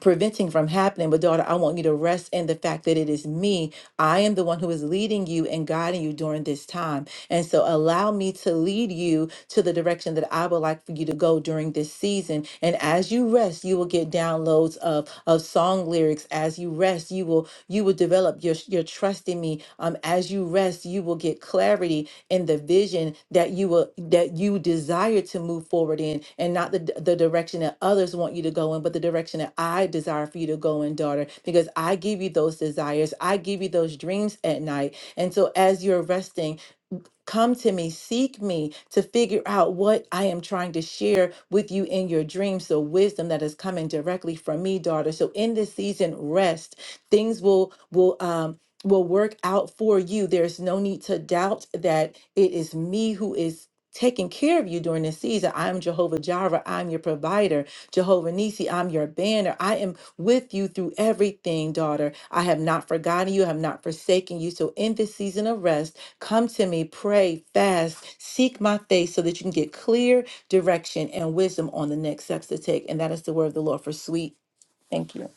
preventing from happening. But daughter, I want you to rest in the fact that it is me. I am the one who is leading you and guiding you during this time. And so allow me to lead you to the direction that I would like for you to go during this season. And as you rest, you will get downloads of of song lyrics. As you rest, you will you will develop your your trust in me trusting me um, as you rest you will get clarity in the vision that you will that you desire to move forward in and not the, the direction that others want you to go in but the direction that i desire for you to go in daughter because i give you those desires i give you those dreams at night and so as you're resting Come to me, seek me to figure out what I am trying to share with you in your dreams. So, wisdom that is coming directly from me, daughter. So, in this season, rest. Things will, will, um, will work out for you. There's no need to doubt that it is me who is taking care of you during this season. I'm Jehovah Jireh. I'm your provider. Jehovah Nisi, I'm your banner. I am with you through everything, daughter. I have not forgotten you. I have not forsaken you. So in this season of rest, Come to me, pray, fast, seek my face so that you can get clear direction and wisdom on the next steps to take. And that is the word of the Lord for sweet. Thank you.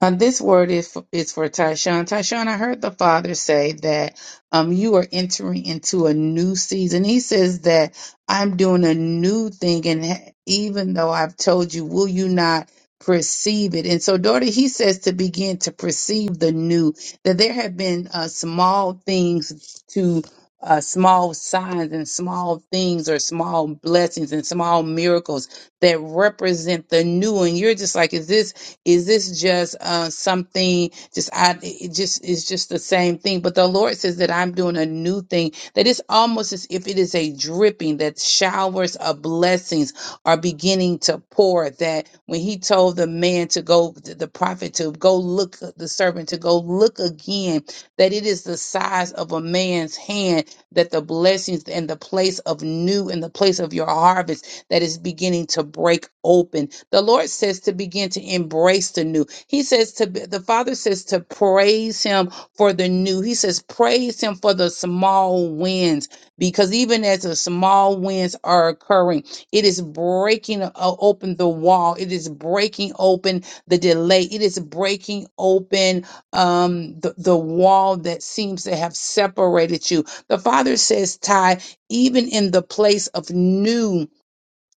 Uh, this word is for, is for Tyshawn. Tyshawn, I heard the father say that um, you are entering into a new season. He says that I'm doing a new thing, and ha- even though I've told you, will you not perceive it? And so, daughter, he says to begin to perceive the new, that there have been uh, small things to. Uh, small signs and small things or small blessings and small miracles that represent the new and you're just like is this is this just uh, something? Just I it just it's just the same thing. But the Lord says that I'm doing a new thing. That it's almost as if it is a dripping. That showers of blessings are beginning to pour. That when He told the man to go, the prophet to go look, the servant to go look again. That it is the size of a man's hand. That the blessings and the place of new and the place of your harvest that is beginning to break open. The Lord says to begin to embrace the new. He says to the Father says to praise him for the new. He says praise him for the small wins because even as the small wins are occurring, it is breaking uh, open the wall. It is breaking open the delay. It is breaking open um, the, the wall that seems to have separated you. The Father says, Ty, even in the place of new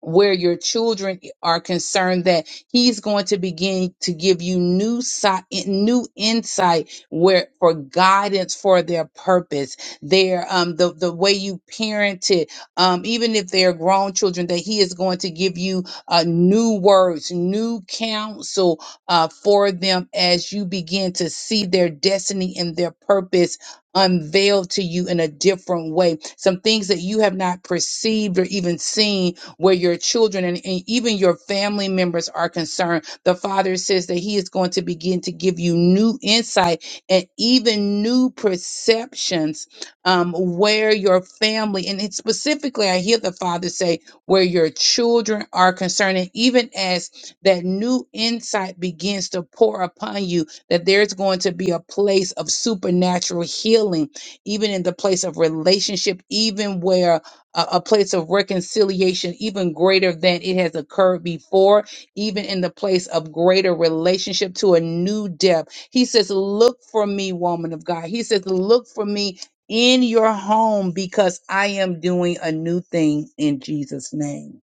where your children are concerned that he's going to begin to give you new sight new insight where for guidance for their purpose their um the, the way you parented um even if they're grown children that he is going to give you uh new words new counsel uh for them as you begin to see their destiny and their purpose unveiled to you in a different way some things that you have not perceived or even seen where your children and, and even your family members are concerned. The Father says that He is going to begin to give you new insight and even new perceptions um, where your family, and it specifically, I hear the Father say, where your children are concerned. And even as that new insight begins to pour upon you, that there's going to be a place of supernatural healing, even in the place of relationship, even where a, a place of reconciliation even greater than it has occurred before, even in the place of greater relationship to a new depth. He says, Look for me, woman of God. He says, Look for me in your home because I am doing a new thing in Jesus' name.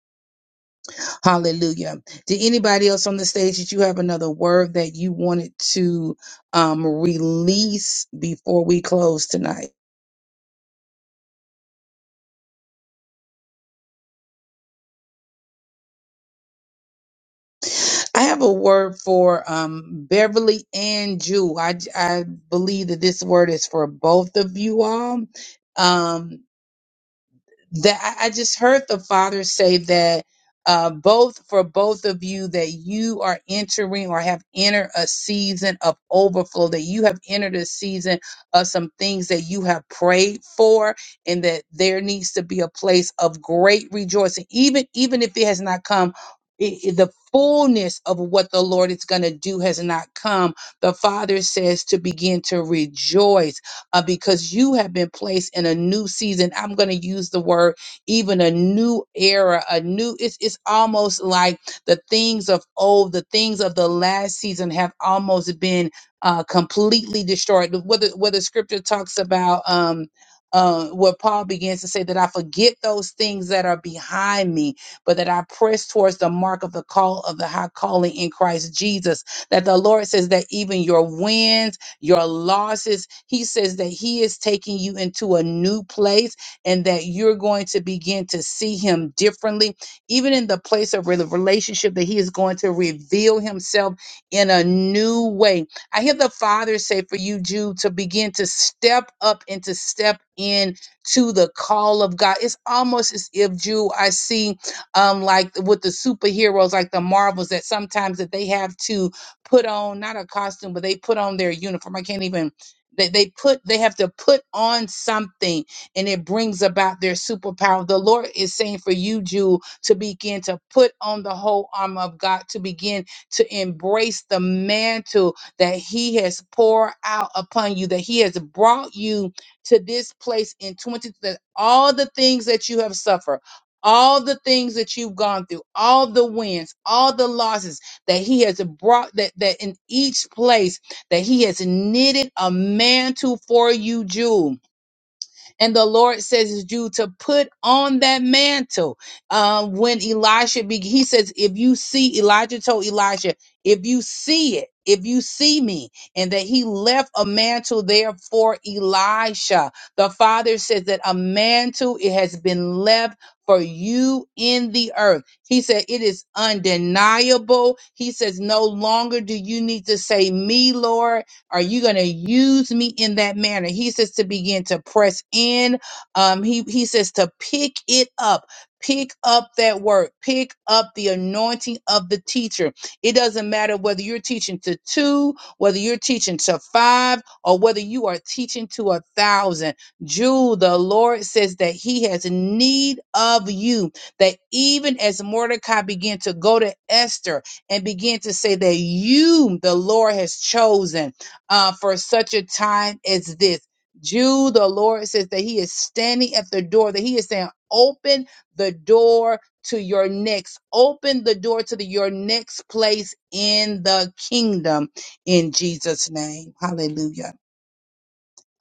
Hallelujah. Did anybody else on the stage that you have another word that you wanted to um, release before we close tonight? I have a word for um, Beverly and Jew. I, I believe that this word is for both of you all. Um, that I I just heard the father say that uh, both for both of you that you are entering or have entered a season of overflow that you have entered a season of some things that you have prayed for and that there needs to be a place of great rejoicing even even if it has not come i- i- the fullness of what the Lord is going to do has not come. The Father says to begin to rejoice uh, because you have been placed in a new season. I'm going to use the word even a new era, a new, it's, it's almost like the things of old, the things of the last season have almost been uh, completely destroyed. Whether, whether scripture talks about, um, uh, where Paul begins to say that I forget those things that are behind me, but that I press towards the mark of the call of the high calling in Christ Jesus. That the Lord says that even your wins your losses. He says that He is taking you into a new place and that you're going to begin to see Him differently, even in the place of rela- relationship, that He is going to reveal Himself in a new way. I hear the Father say for you, Jude, to begin to step up and to step in to the call of God. It's almost as if, Jude, I see um like with the superheroes like the marvels that sometimes that they have to put on not a costume, but they put on their uniform. I can't even they, they put they have to put on something and it brings about their superpower. The Lord is saying for you, Jew, to begin to put on the whole armor of God, to begin to embrace the mantle that He has poured out upon you, that He has brought you to this place in 20 that all the things that you have suffered. All the things that you've gone through, all the wins, all the losses, that he has brought that that in each place that he has knitted a mantle for you, Jew and the Lord says you to put on that mantle. Uh, when Elisha, be, he says, if you see, Elijah told Elisha, if you see it, if you see me, and that he left a mantle there for Elisha. The Father says that a mantle, it has been left for you in the earth. He said, It is undeniable. He says, No longer do you need to say me, Lord. Are you going to use me in that manner? He says to begin to press in. Um, he, he says to pick it up. Pick up that word. Pick up the anointing of the teacher. It doesn't matter whether you're teaching to two, whether you're teaching to five, or whether you are teaching to a thousand. Jude, the Lord says that he has need of you. That even as Mordecai began to go to Esther and began to say that you, the Lord, has chosen uh, for such a time as this. Jude, the Lord says that He is standing at the door, that He is saying, Open the door to your next, open the door to the, your next place in the kingdom in Jesus' name. Hallelujah.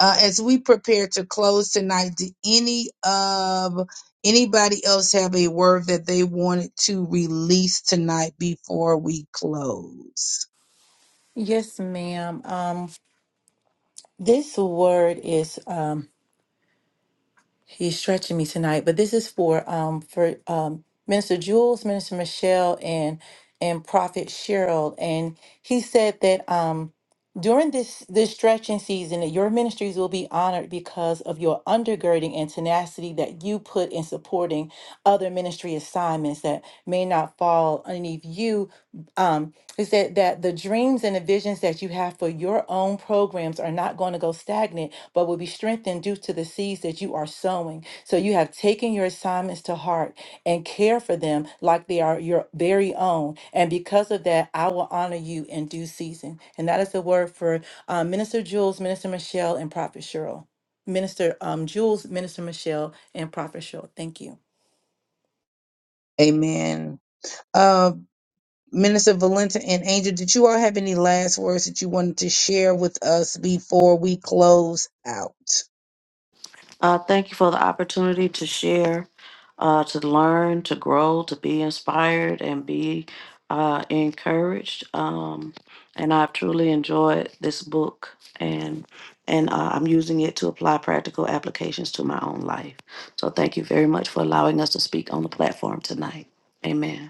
Uh, as we prepare to close tonight, do any of anybody else have a word that they wanted to release tonight before we close?
Yes, ma'am. Um, this word is He's stretching me tonight, but this is for um for um Minister Jules, Minister Michelle, and and Prophet Cheryl. And he said that um during this this stretching season that your ministries will be honored because of your undergirding and tenacity that you put in supporting other ministry assignments that may not fall underneath you um, it said that the dreams and the visions that you have for your own programs are not going to go stagnant, but will be strengthened due to the seeds that you are sowing. So you have taken your assignments to heart and care for them like they are your very own. And because of that, I will honor you in due season. And that is the word for uh, Minister Jules, Minister Michelle, and Prophet Cheryl. Minister um, Jules, Minister Michelle, and Prophet Cheryl. Thank you.
Amen. Uh, Minister Valenta and Angel, did you all have any last words that you wanted to share with us before we close out?
Uh, thank you for the opportunity to share, uh, to learn, to grow, to be inspired, and be uh, encouraged. Um, and I've truly enjoyed this book, and and uh, I'm using it to apply practical applications to my own life. So thank you very much for allowing us to speak on the platform tonight. Amen.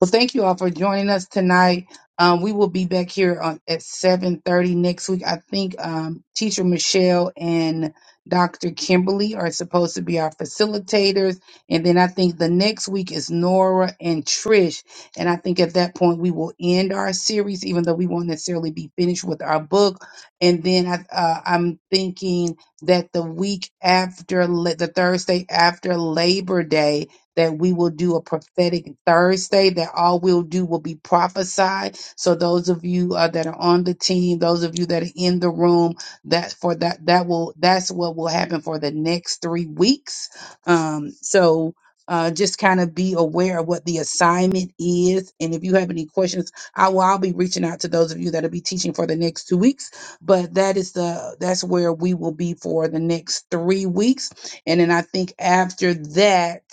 Well, thank you all for joining us tonight. Um, we will be back here on, at seven thirty next week. I think um, Teacher Michelle and Dr. Kimberly are supposed to be our facilitators, and then I think the next week is Nora and Trish. And I think at that point we will end our series, even though we won't necessarily be finished with our book. And then I, uh, I'm thinking that the week after, la- the Thursday after Labor Day that we will do a prophetic Thursday, that all we'll do will be prophesied. So those of you uh, that are on the team, those of you that are in the room, that for that that will that's what will happen for the next three weeks. Um, so uh, just kind of be aware of what the assignment is, and if you have any questions, I will I'll be reaching out to those of you that'll be teaching for the next two weeks. But that is the that's where we will be for the next three weeks, and then I think after that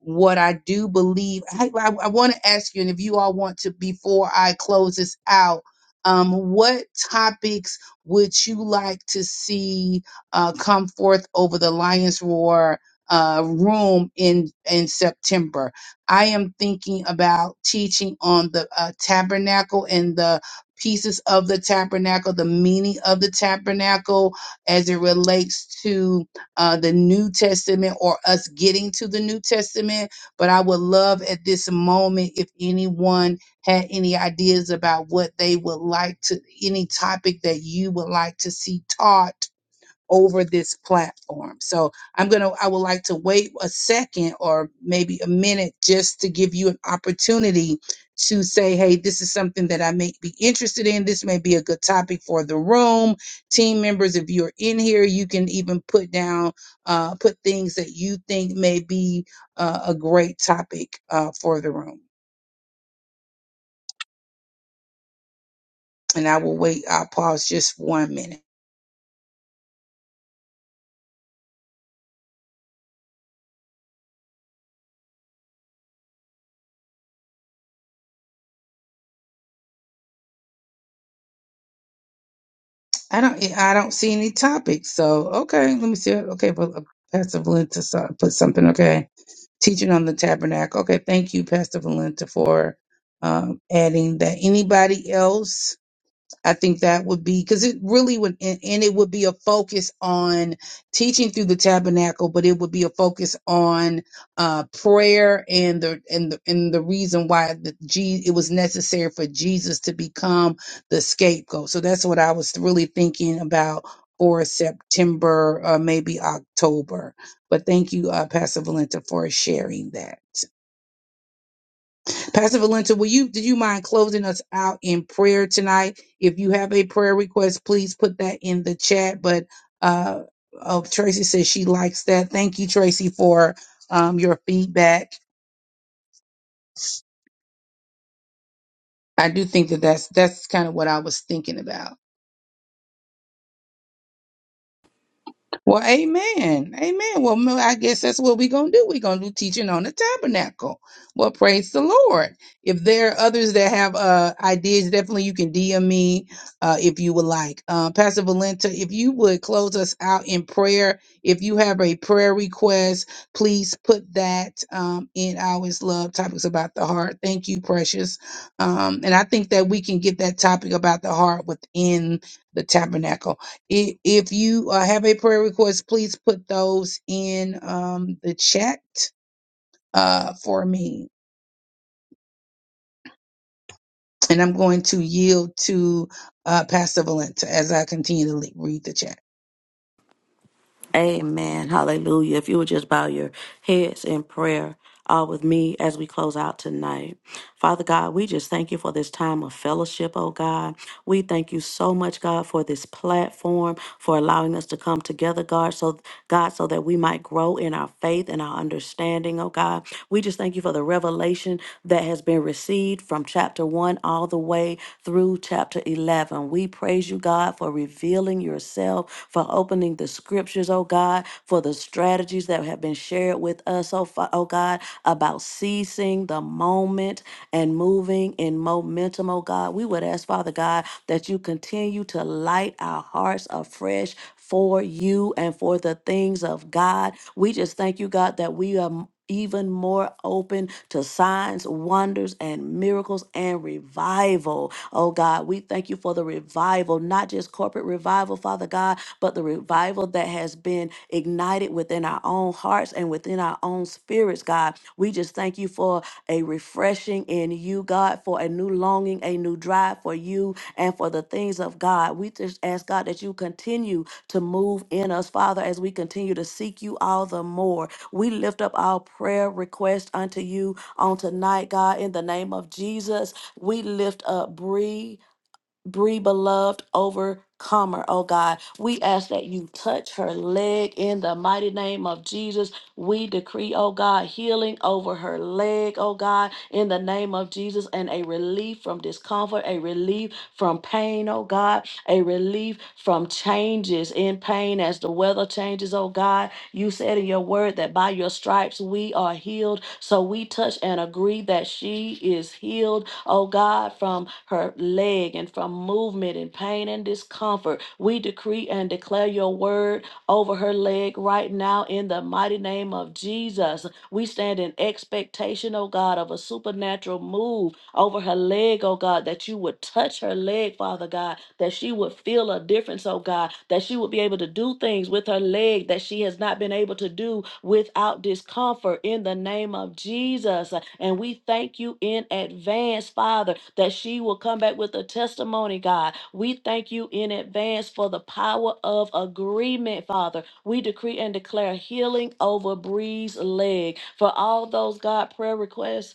what I do believe, I, I, I want to ask you, and if you all want to, before I close this out, um, what topics would you like to see uh, come forth over the Lions Roar uh, room in in September? I am thinking about teaching on the uh, tabernacle and the pieces of the tabernacle, the meaning of the tabernacle as it relates to uh, the New Testament or us getting to the New Testament. But I would love at this moment if anyone had any ideas about what they would like to, any topic that you would like to see taught over this platform. So I'm going to, I would like to wait a second or maybe a minute just to give you an opportunity to say, hey, this is something that I may be interested in. This may be a good topic for the room. Team members, if you're in here, you can even put down, uh, put things that you think may be uh, a great topic uh, for the room. And I will wait, I'll pause just one minute. I don't. yeah, I don't see any topics. So okay, let me see. Okay, well, uh, Pastor Valenta saw- put something. Okay, teaching on the tabernacle. Okay, thank you, Pastor Valenta, for um, adding that. Anybody else? I think that would be because it really would, and, and it would be a focus on teaching through the tabernacle, but it would be a focus on uh, prayer and the and the and the reason why the G, it was necessary for Jesus to become the scapegoat. So that's what I was really thinking about for September, uh, maybe October. But thank you, uh, Pastor Valenta, for sharing that. Pastor Valenta, will you do you mind closing us out in prayer tonight? If you have a prayer request, please put that in the chat. But uh, oh, Tracy says she likes that. Thank you, Tracy, for um, your feedback. I do think that that's that's kind of what I was thinking about. Well, amen. Amen. Well, mo- I guess that's what we're going to do. We're going to do teaching on the tabernacle. Well, praise the Lord. If there are others that have uh, ideas, definitely you can DM me uh, if you would like. Uh, Pastor Valenta, if you would close us out in prayer. If you have a prayer request, please put that um, in Always Love Topics About the Heart. Thank you, precious. Um, and I think that we can get that topic about the heart within the tabernacle. I- If you uh, have a prayer request, please put those in um, the chat uh, for me. And I'm going to yield to uh, Pastor Valenta as I continue to le- read the chat.
Amen. Hallelujah. If you would just bow your heads in prayer, all with me as we close out tonight. Father God, we just thank you for this time of fellowship, oh God. We thank you so much, God, for this platform, for allowing us to come together, God, so God, so that we might grow in our faith and our understanding, oh God. We just thank you for the revelation that has been received from chapter one all the way through chapter eleven. We praise you, God, for revealing yourself, for opening the scriptures, oh God, for the strategies that have been shared with us, oh, fa- oh God, about ceasing the moment moment and moving in momentum, oh God. We would ask, Father God, that you continue to light our hearts afresh for you and for the things of God. We just thank you, God, that we are. Even more open to signs, wonders, and miracles and revival. Oh God, we thank you for the revival, not just corporate revival, Father God, but the revival that has been ignited within our own hearts and within our own spirits, God. We just thank you for a refreshing in you, God, for a new longing, a new drive for you and for the things of God. We just ask, God, that you continue to move in us, Father, as we continue to seek you all the more. We lift up our prayer request unto you on tonight, God, in the name of Jesus. We lift up Bree. Bree, beloved overcomer, oh God. We ask that you touch her leg in the mighty name of Jesus. We decree, oh God, healing over her leg, oh God, in the name of Jesus, and a relief from discomfort, a relief from pain, oh God, a relief from changes in pain as the weather changes, oh God. You said in your word that by your stripes we are healed. So we touch and agree that she is healed, oh God, from her leg and from movement and pain and discomfort. We decree and declare your word over her leg right now in the mighty name of Jesus. We stand in expectation, oh God, of a supernatural move over her leg, oh God, that you would touch her leg, Father God, that she would feel a difference, oh God, that she would be able to do things with her leg that she has not been able to do without discomfort in the name of Jesus. And we thank you in advance, Father, that she will come back with a testimony, God. We thank you in advance for the power of agreement, Father. We decree and declare healing over Bree's leg. For all those God prayer requests,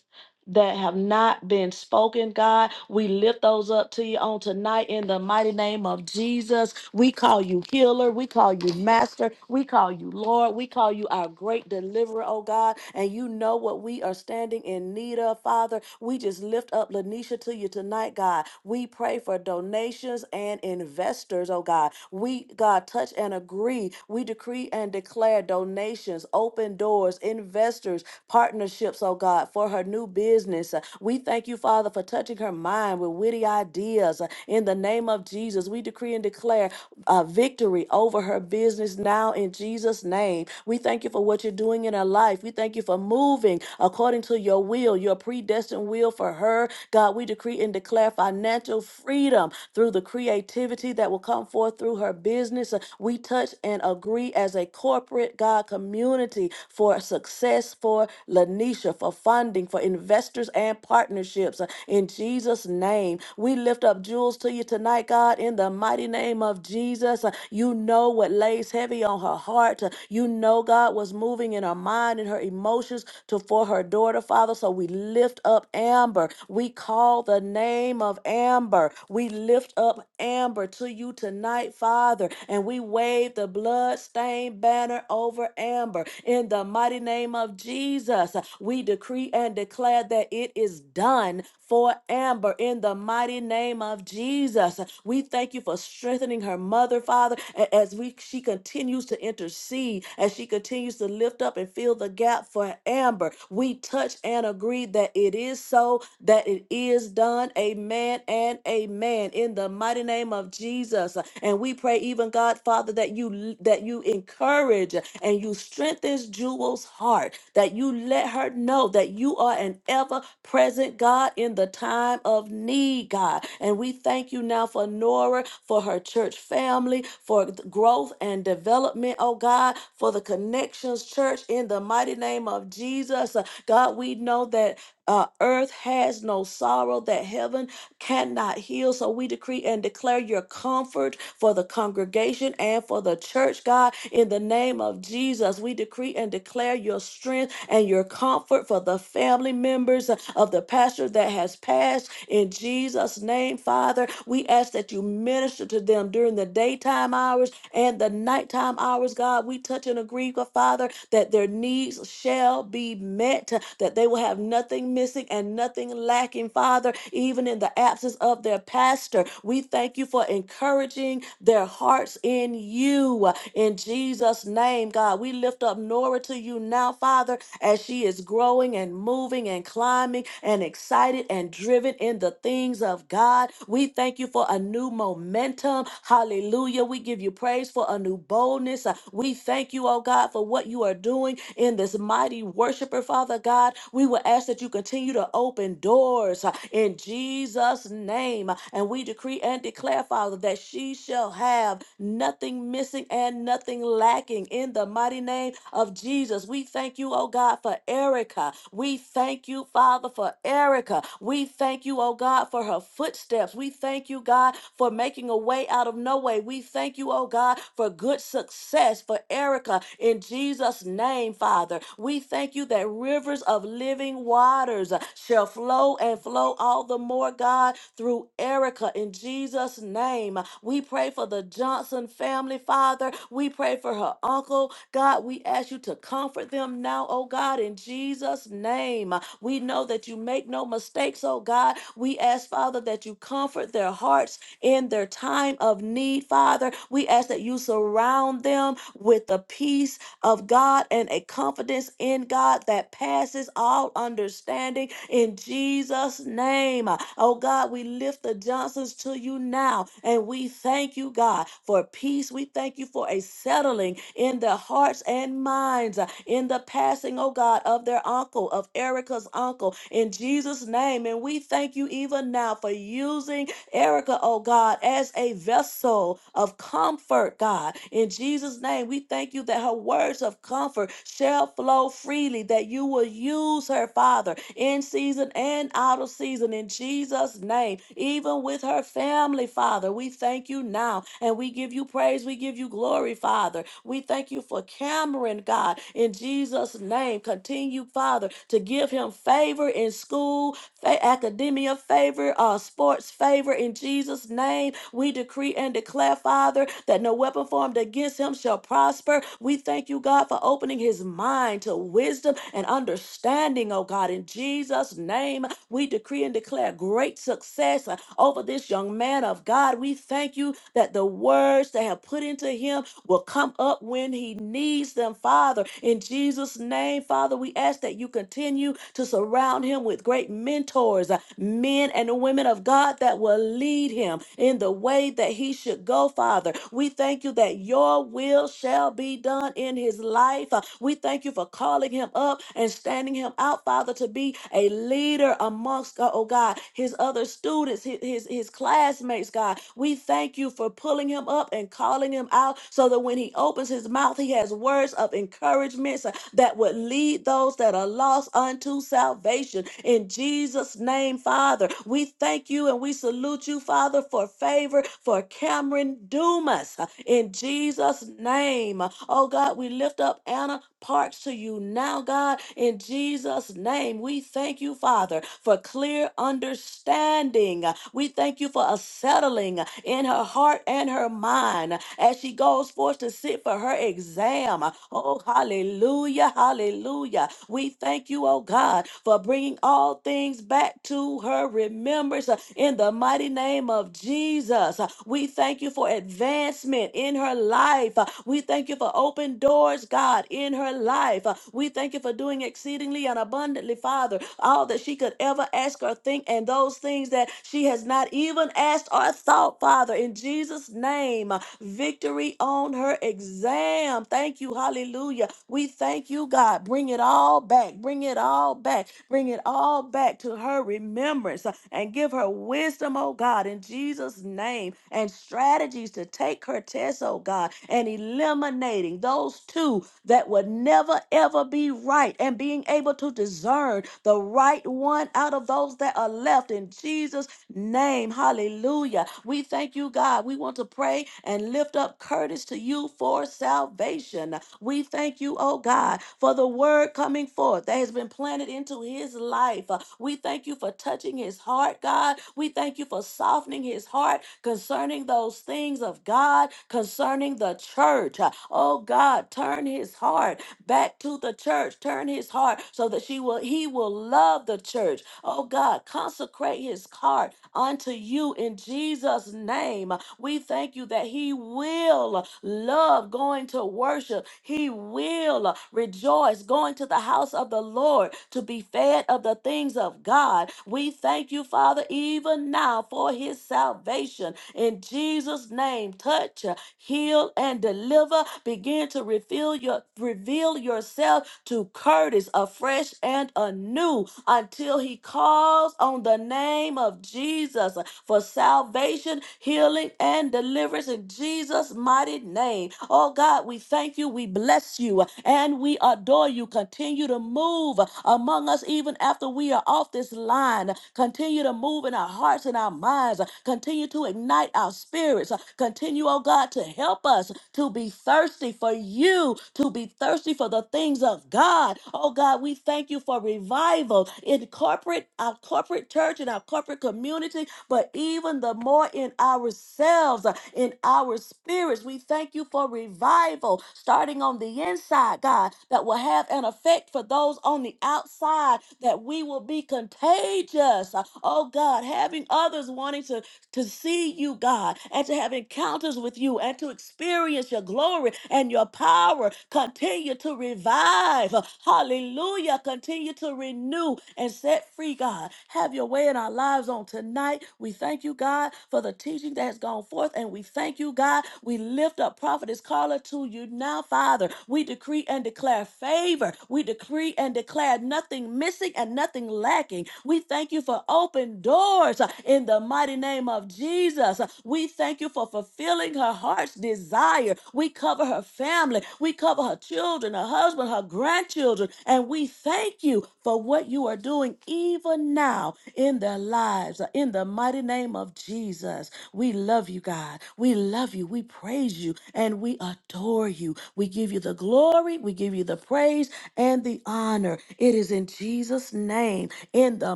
that have not been spoken, God. We lift those up to you on tonight in the mighty name of Jesus. We call you healer. We call you master. We call you Lord. We call you our great deliverer, oh God. And you know what we are standing in need of, Father. We just lift up Lanisha to you tonight, God. We pray for donations and investors, oh God. We, God, touch and agree. We decree and declare donations, open doors, investments, investors, partnerships, oh God, for her new business. Uh, We thank you, Father, for touching her mind with witty ideas. Uh, In the name of Jesus, we decree and declare uh, victory over her business now in Jesus' name. We thank you for what you're doing in her life. We thank you for moving according to your will, your predestined will for her. God, we decree and declare financial freedom through the creativity that will come forth through her business. Uh, We touch and agree agree as a corporate God community for success for Lanisha, for funding, for investors and partnerships. Uh, In Jesus' name, we lift up jewels to you tonight, God, in the mighty name of Jesus. Uh, You know what lays heavy on her heart. Uh, You know, God, was moving in her mind and her emotions to for her daughter, Father. So we lift up Amber. We call the name of Amber. We lift up Amber to you you tonight, Father, and we wave the blood-stained banner over Amber. In the mighty name of Jesus, we decree and declare that it is done for Amber. In the mighty name of Jesus, we thank you for strengthening her mother, Father, a- as we she continues to intercede, as she continues to lift up and fill the gap for Amber. We touch and agree that it is so, that it is done. Amen Amen and amen. In the mighty name of Jesus. And we pray, even God, Father, that you that you encourage and you strengthen Jewel's heart, that you let her know that you are an ever-present God in the time of need, God. And we thank you now for Nora, for her church family, for th- growth and development, oh God, for the connections church in the mighty name of Jesus. Uh, God, we know that uh, earth has no sorrow, that heaven cannot heal. So we decree and declare your comfort for the congregation and for the church, God. In the name of Jesus, we decree and declare your strength and your comfort for the family members of the pastor that has passed. In Jesus' name, Father, we ask that you minister to them during the daytime hours and the nighttime hours, God. We touch and agree, God, Father, that their needs shall be met, that they will have nothing missing and nothing lacking, Father, even in the absence of their pastor. We thank you for encouraging their hearts in you. In Jesus' name, God, we lift up Nora to you now, Father as she is growing and moving and climbing and excited and driven in the things of God. We thank you for a new momentum. Hallelujah. We give you praise for a new boldness. Uh, We thank you, oh God, for what you are doing in this mighty worshiper, Father God. We will ask that you continue to open doors uh, in Jesus' name name. And we decree and declare, Father, that she shall have nothing missing and nothing lacking in the mighty name of Jesus. We thank you, oh God, for Erica. We thank you, Father, for Erica. We thank you, oh God, for her footsteps. We thank you, God, for making a way out of no way. We thank you, oh God, for good success success for Erica in Jesus' name, Father. We thank you that rivers of living waters uh, shall flow and flow all the more, God, through Erica in Jesus' name. We pray for the Johnson family, Father. We pray for her uncle. God, we ask you to comfort them now, oh God, in Jesus' name. We know that you make no mistakes, oh God. We ask, Father, that you comfort their hearts in their time of need, Father. We ask that you surround them with the peace of God and a confidence in God that passes all understanding in Jesus' name. Oh God, we lift the Johnsons to you now and we thank you, God, for peace. We thank you for a settling in their hearts and minds uh, in the passing, oh God, of their uncle, of Erica's uncle, in Jesus' name. And we thank you even now for using Erica, oh God, as a vessel of comfort, God. In Jesus' name, we thank you that her words of comfort shall flow freely, that you will use her, Father, in season and out of season, in Jesus' name, even with her family, Father. We thank you now and we give you praise, we give you glory, Father. We thank you for Cameron, God, in Jesus' name. Continue, Father, to give him favor in school, fa- academia favor, uh, sports favor. In Jesus' name, we decree and declare, Father, that no weapon formed against him shall prosper. We thank you, God, for opening his mind to wisdom and understanding, oh God. In Jesus' name, we decree and declare great success uh, over this young man of God. We thank you that the words they have put into him will come up when he needs them, Father. In Jesus' name, Father, we ask that you continue to surround him with great mentors, uh, men and women of God that will lead him in the way that he should go, Father. We thank you that your will shall be done in his life. Uh, We thank you for calling him up and standing him out, Father, to be a leader amongst, uh, oh God, his other students, his, his, his classmates, God. We thank you you for pulling him up and calling him out so that when he opens his mouth, he has words of encouragement so- that would lead those that are lost unto salvation. In Jesus' name, Father, we thank you and we salute you, Father, for favor for Cameron Dumas. In Jesus' name. Oh God, we lift up Anna parts to you now, God. In Jesus' name, we thank you, Father, for clear understanding. We thank you for a settling in her heart and her mind as she goes forth to sit for her exam. Oh, hallelujah, hallelujah. We thank you, oh God, for bringing all things back to her remembrance uh, in the mighty name of Jesus. Uh, We thank you for advancement in her life. Uh, We thank you for open doors, God, in her in her life. Uh, We thank you for doing exceedingly and abundantly, Father, all that she could ever ask or think, and those things that she has not even asked or thought, Father, in Jesus' name. Uh, Victory on her exam. Thank you. Hallelujah. We thank you, God. Bring it all back. Bring it all back. Bring it all back to her remembrance uh, and give her wisdom, oh God, in Jesus' name, and strategies to take her test, oh God, and eliminating those two that would will never ever be right. And being able to discern the right one out of those that are left in Jesus' name. Hallelujah. We thank you, God. We want to pray and lift up Curtis to you for salvation. We thank you, oh God, for the word coming forth that has been planted into his life. Uh, We thank you for touching his heart, God. We thank you for softening his heart concerning those things of God, concerning the church. Uh, Oh God, turn his heart back to the church. Turn his heart so that she will he will love the church. Oh God, consecrate his heart unto you in Jesus' name. We thank you that he will love going to worship. He will rejoice going to the house of the Lord to be fed of the things of God. We thank you, Father, even now for his salvation. In Jesus' name, touch heal, and deliver. Begin to reveal your reveal yourself to Curtis afresh and anew until he calls on the name of Jesus for salvation, healing, and deliverance in Jesus' mighty name. Oh God, we thank you, we bless you, and we adore you. Continue to move among us even after we are off this line. Continue to move in our hearts and our minds. Continue to ignite our spirit spirits. Uh, Continue, oh God, to help us to be thirsty for you, to be thirsty for the things of God. Oh God, we thank you for revival in corporate, our corporate church and our corporate community, but even the more in ourselves, uh, in our spirits. We thank you for revival starting on the inside, God, that will have an effect for those on the outside, that we will be contagious. Uh, Oh God, having others wanting to to see you, God, and to have encounters with you and to experience your glory and your power. Continue to revive. Hallelujah. Continue to renew and set free, God. Have your way in our lives on tonight. We thank you, God, for the teaching that has gone forth, and we thank you, God. We lift up Prophetess Carla to you now, Father. We decree and declare favor. We decree and declare nothing missing and nothing lacking. We thank you for open doors uh, in the mighty name of Jesus. Uh, We thank you for fulfilling her heart's desire. We cover her family, we cover her children, her husband, her grandchildren, and we thank you for what you are doing even now in their lives. uh, In the mighty name of of Jesus. We love you, God. We love you. We praise you and we adore you. We give you the glory. We give you the praise and the honor. It is in Jesus' name, in the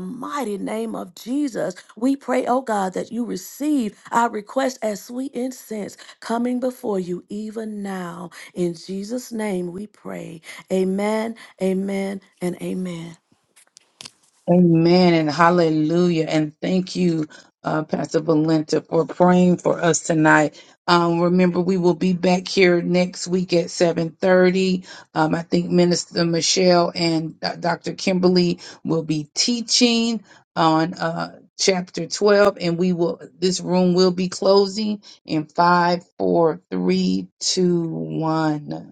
mighty name of Jesus. We pray, oh God, that you receive our request as sweet incense coming before you even now. In Jesus' name we pray. Amen, amen, and amen.
Amen and hallelujah. And thank you, uh, Pastor Valenta, for praying for us tonight. Um, remember, we will be back here next week at 7.30. Um, I think Minister Michelle and uh, Dr. Kimberly will be teaching on uh, chapter 12. And we will this room will be closing in five, four, three, two, one.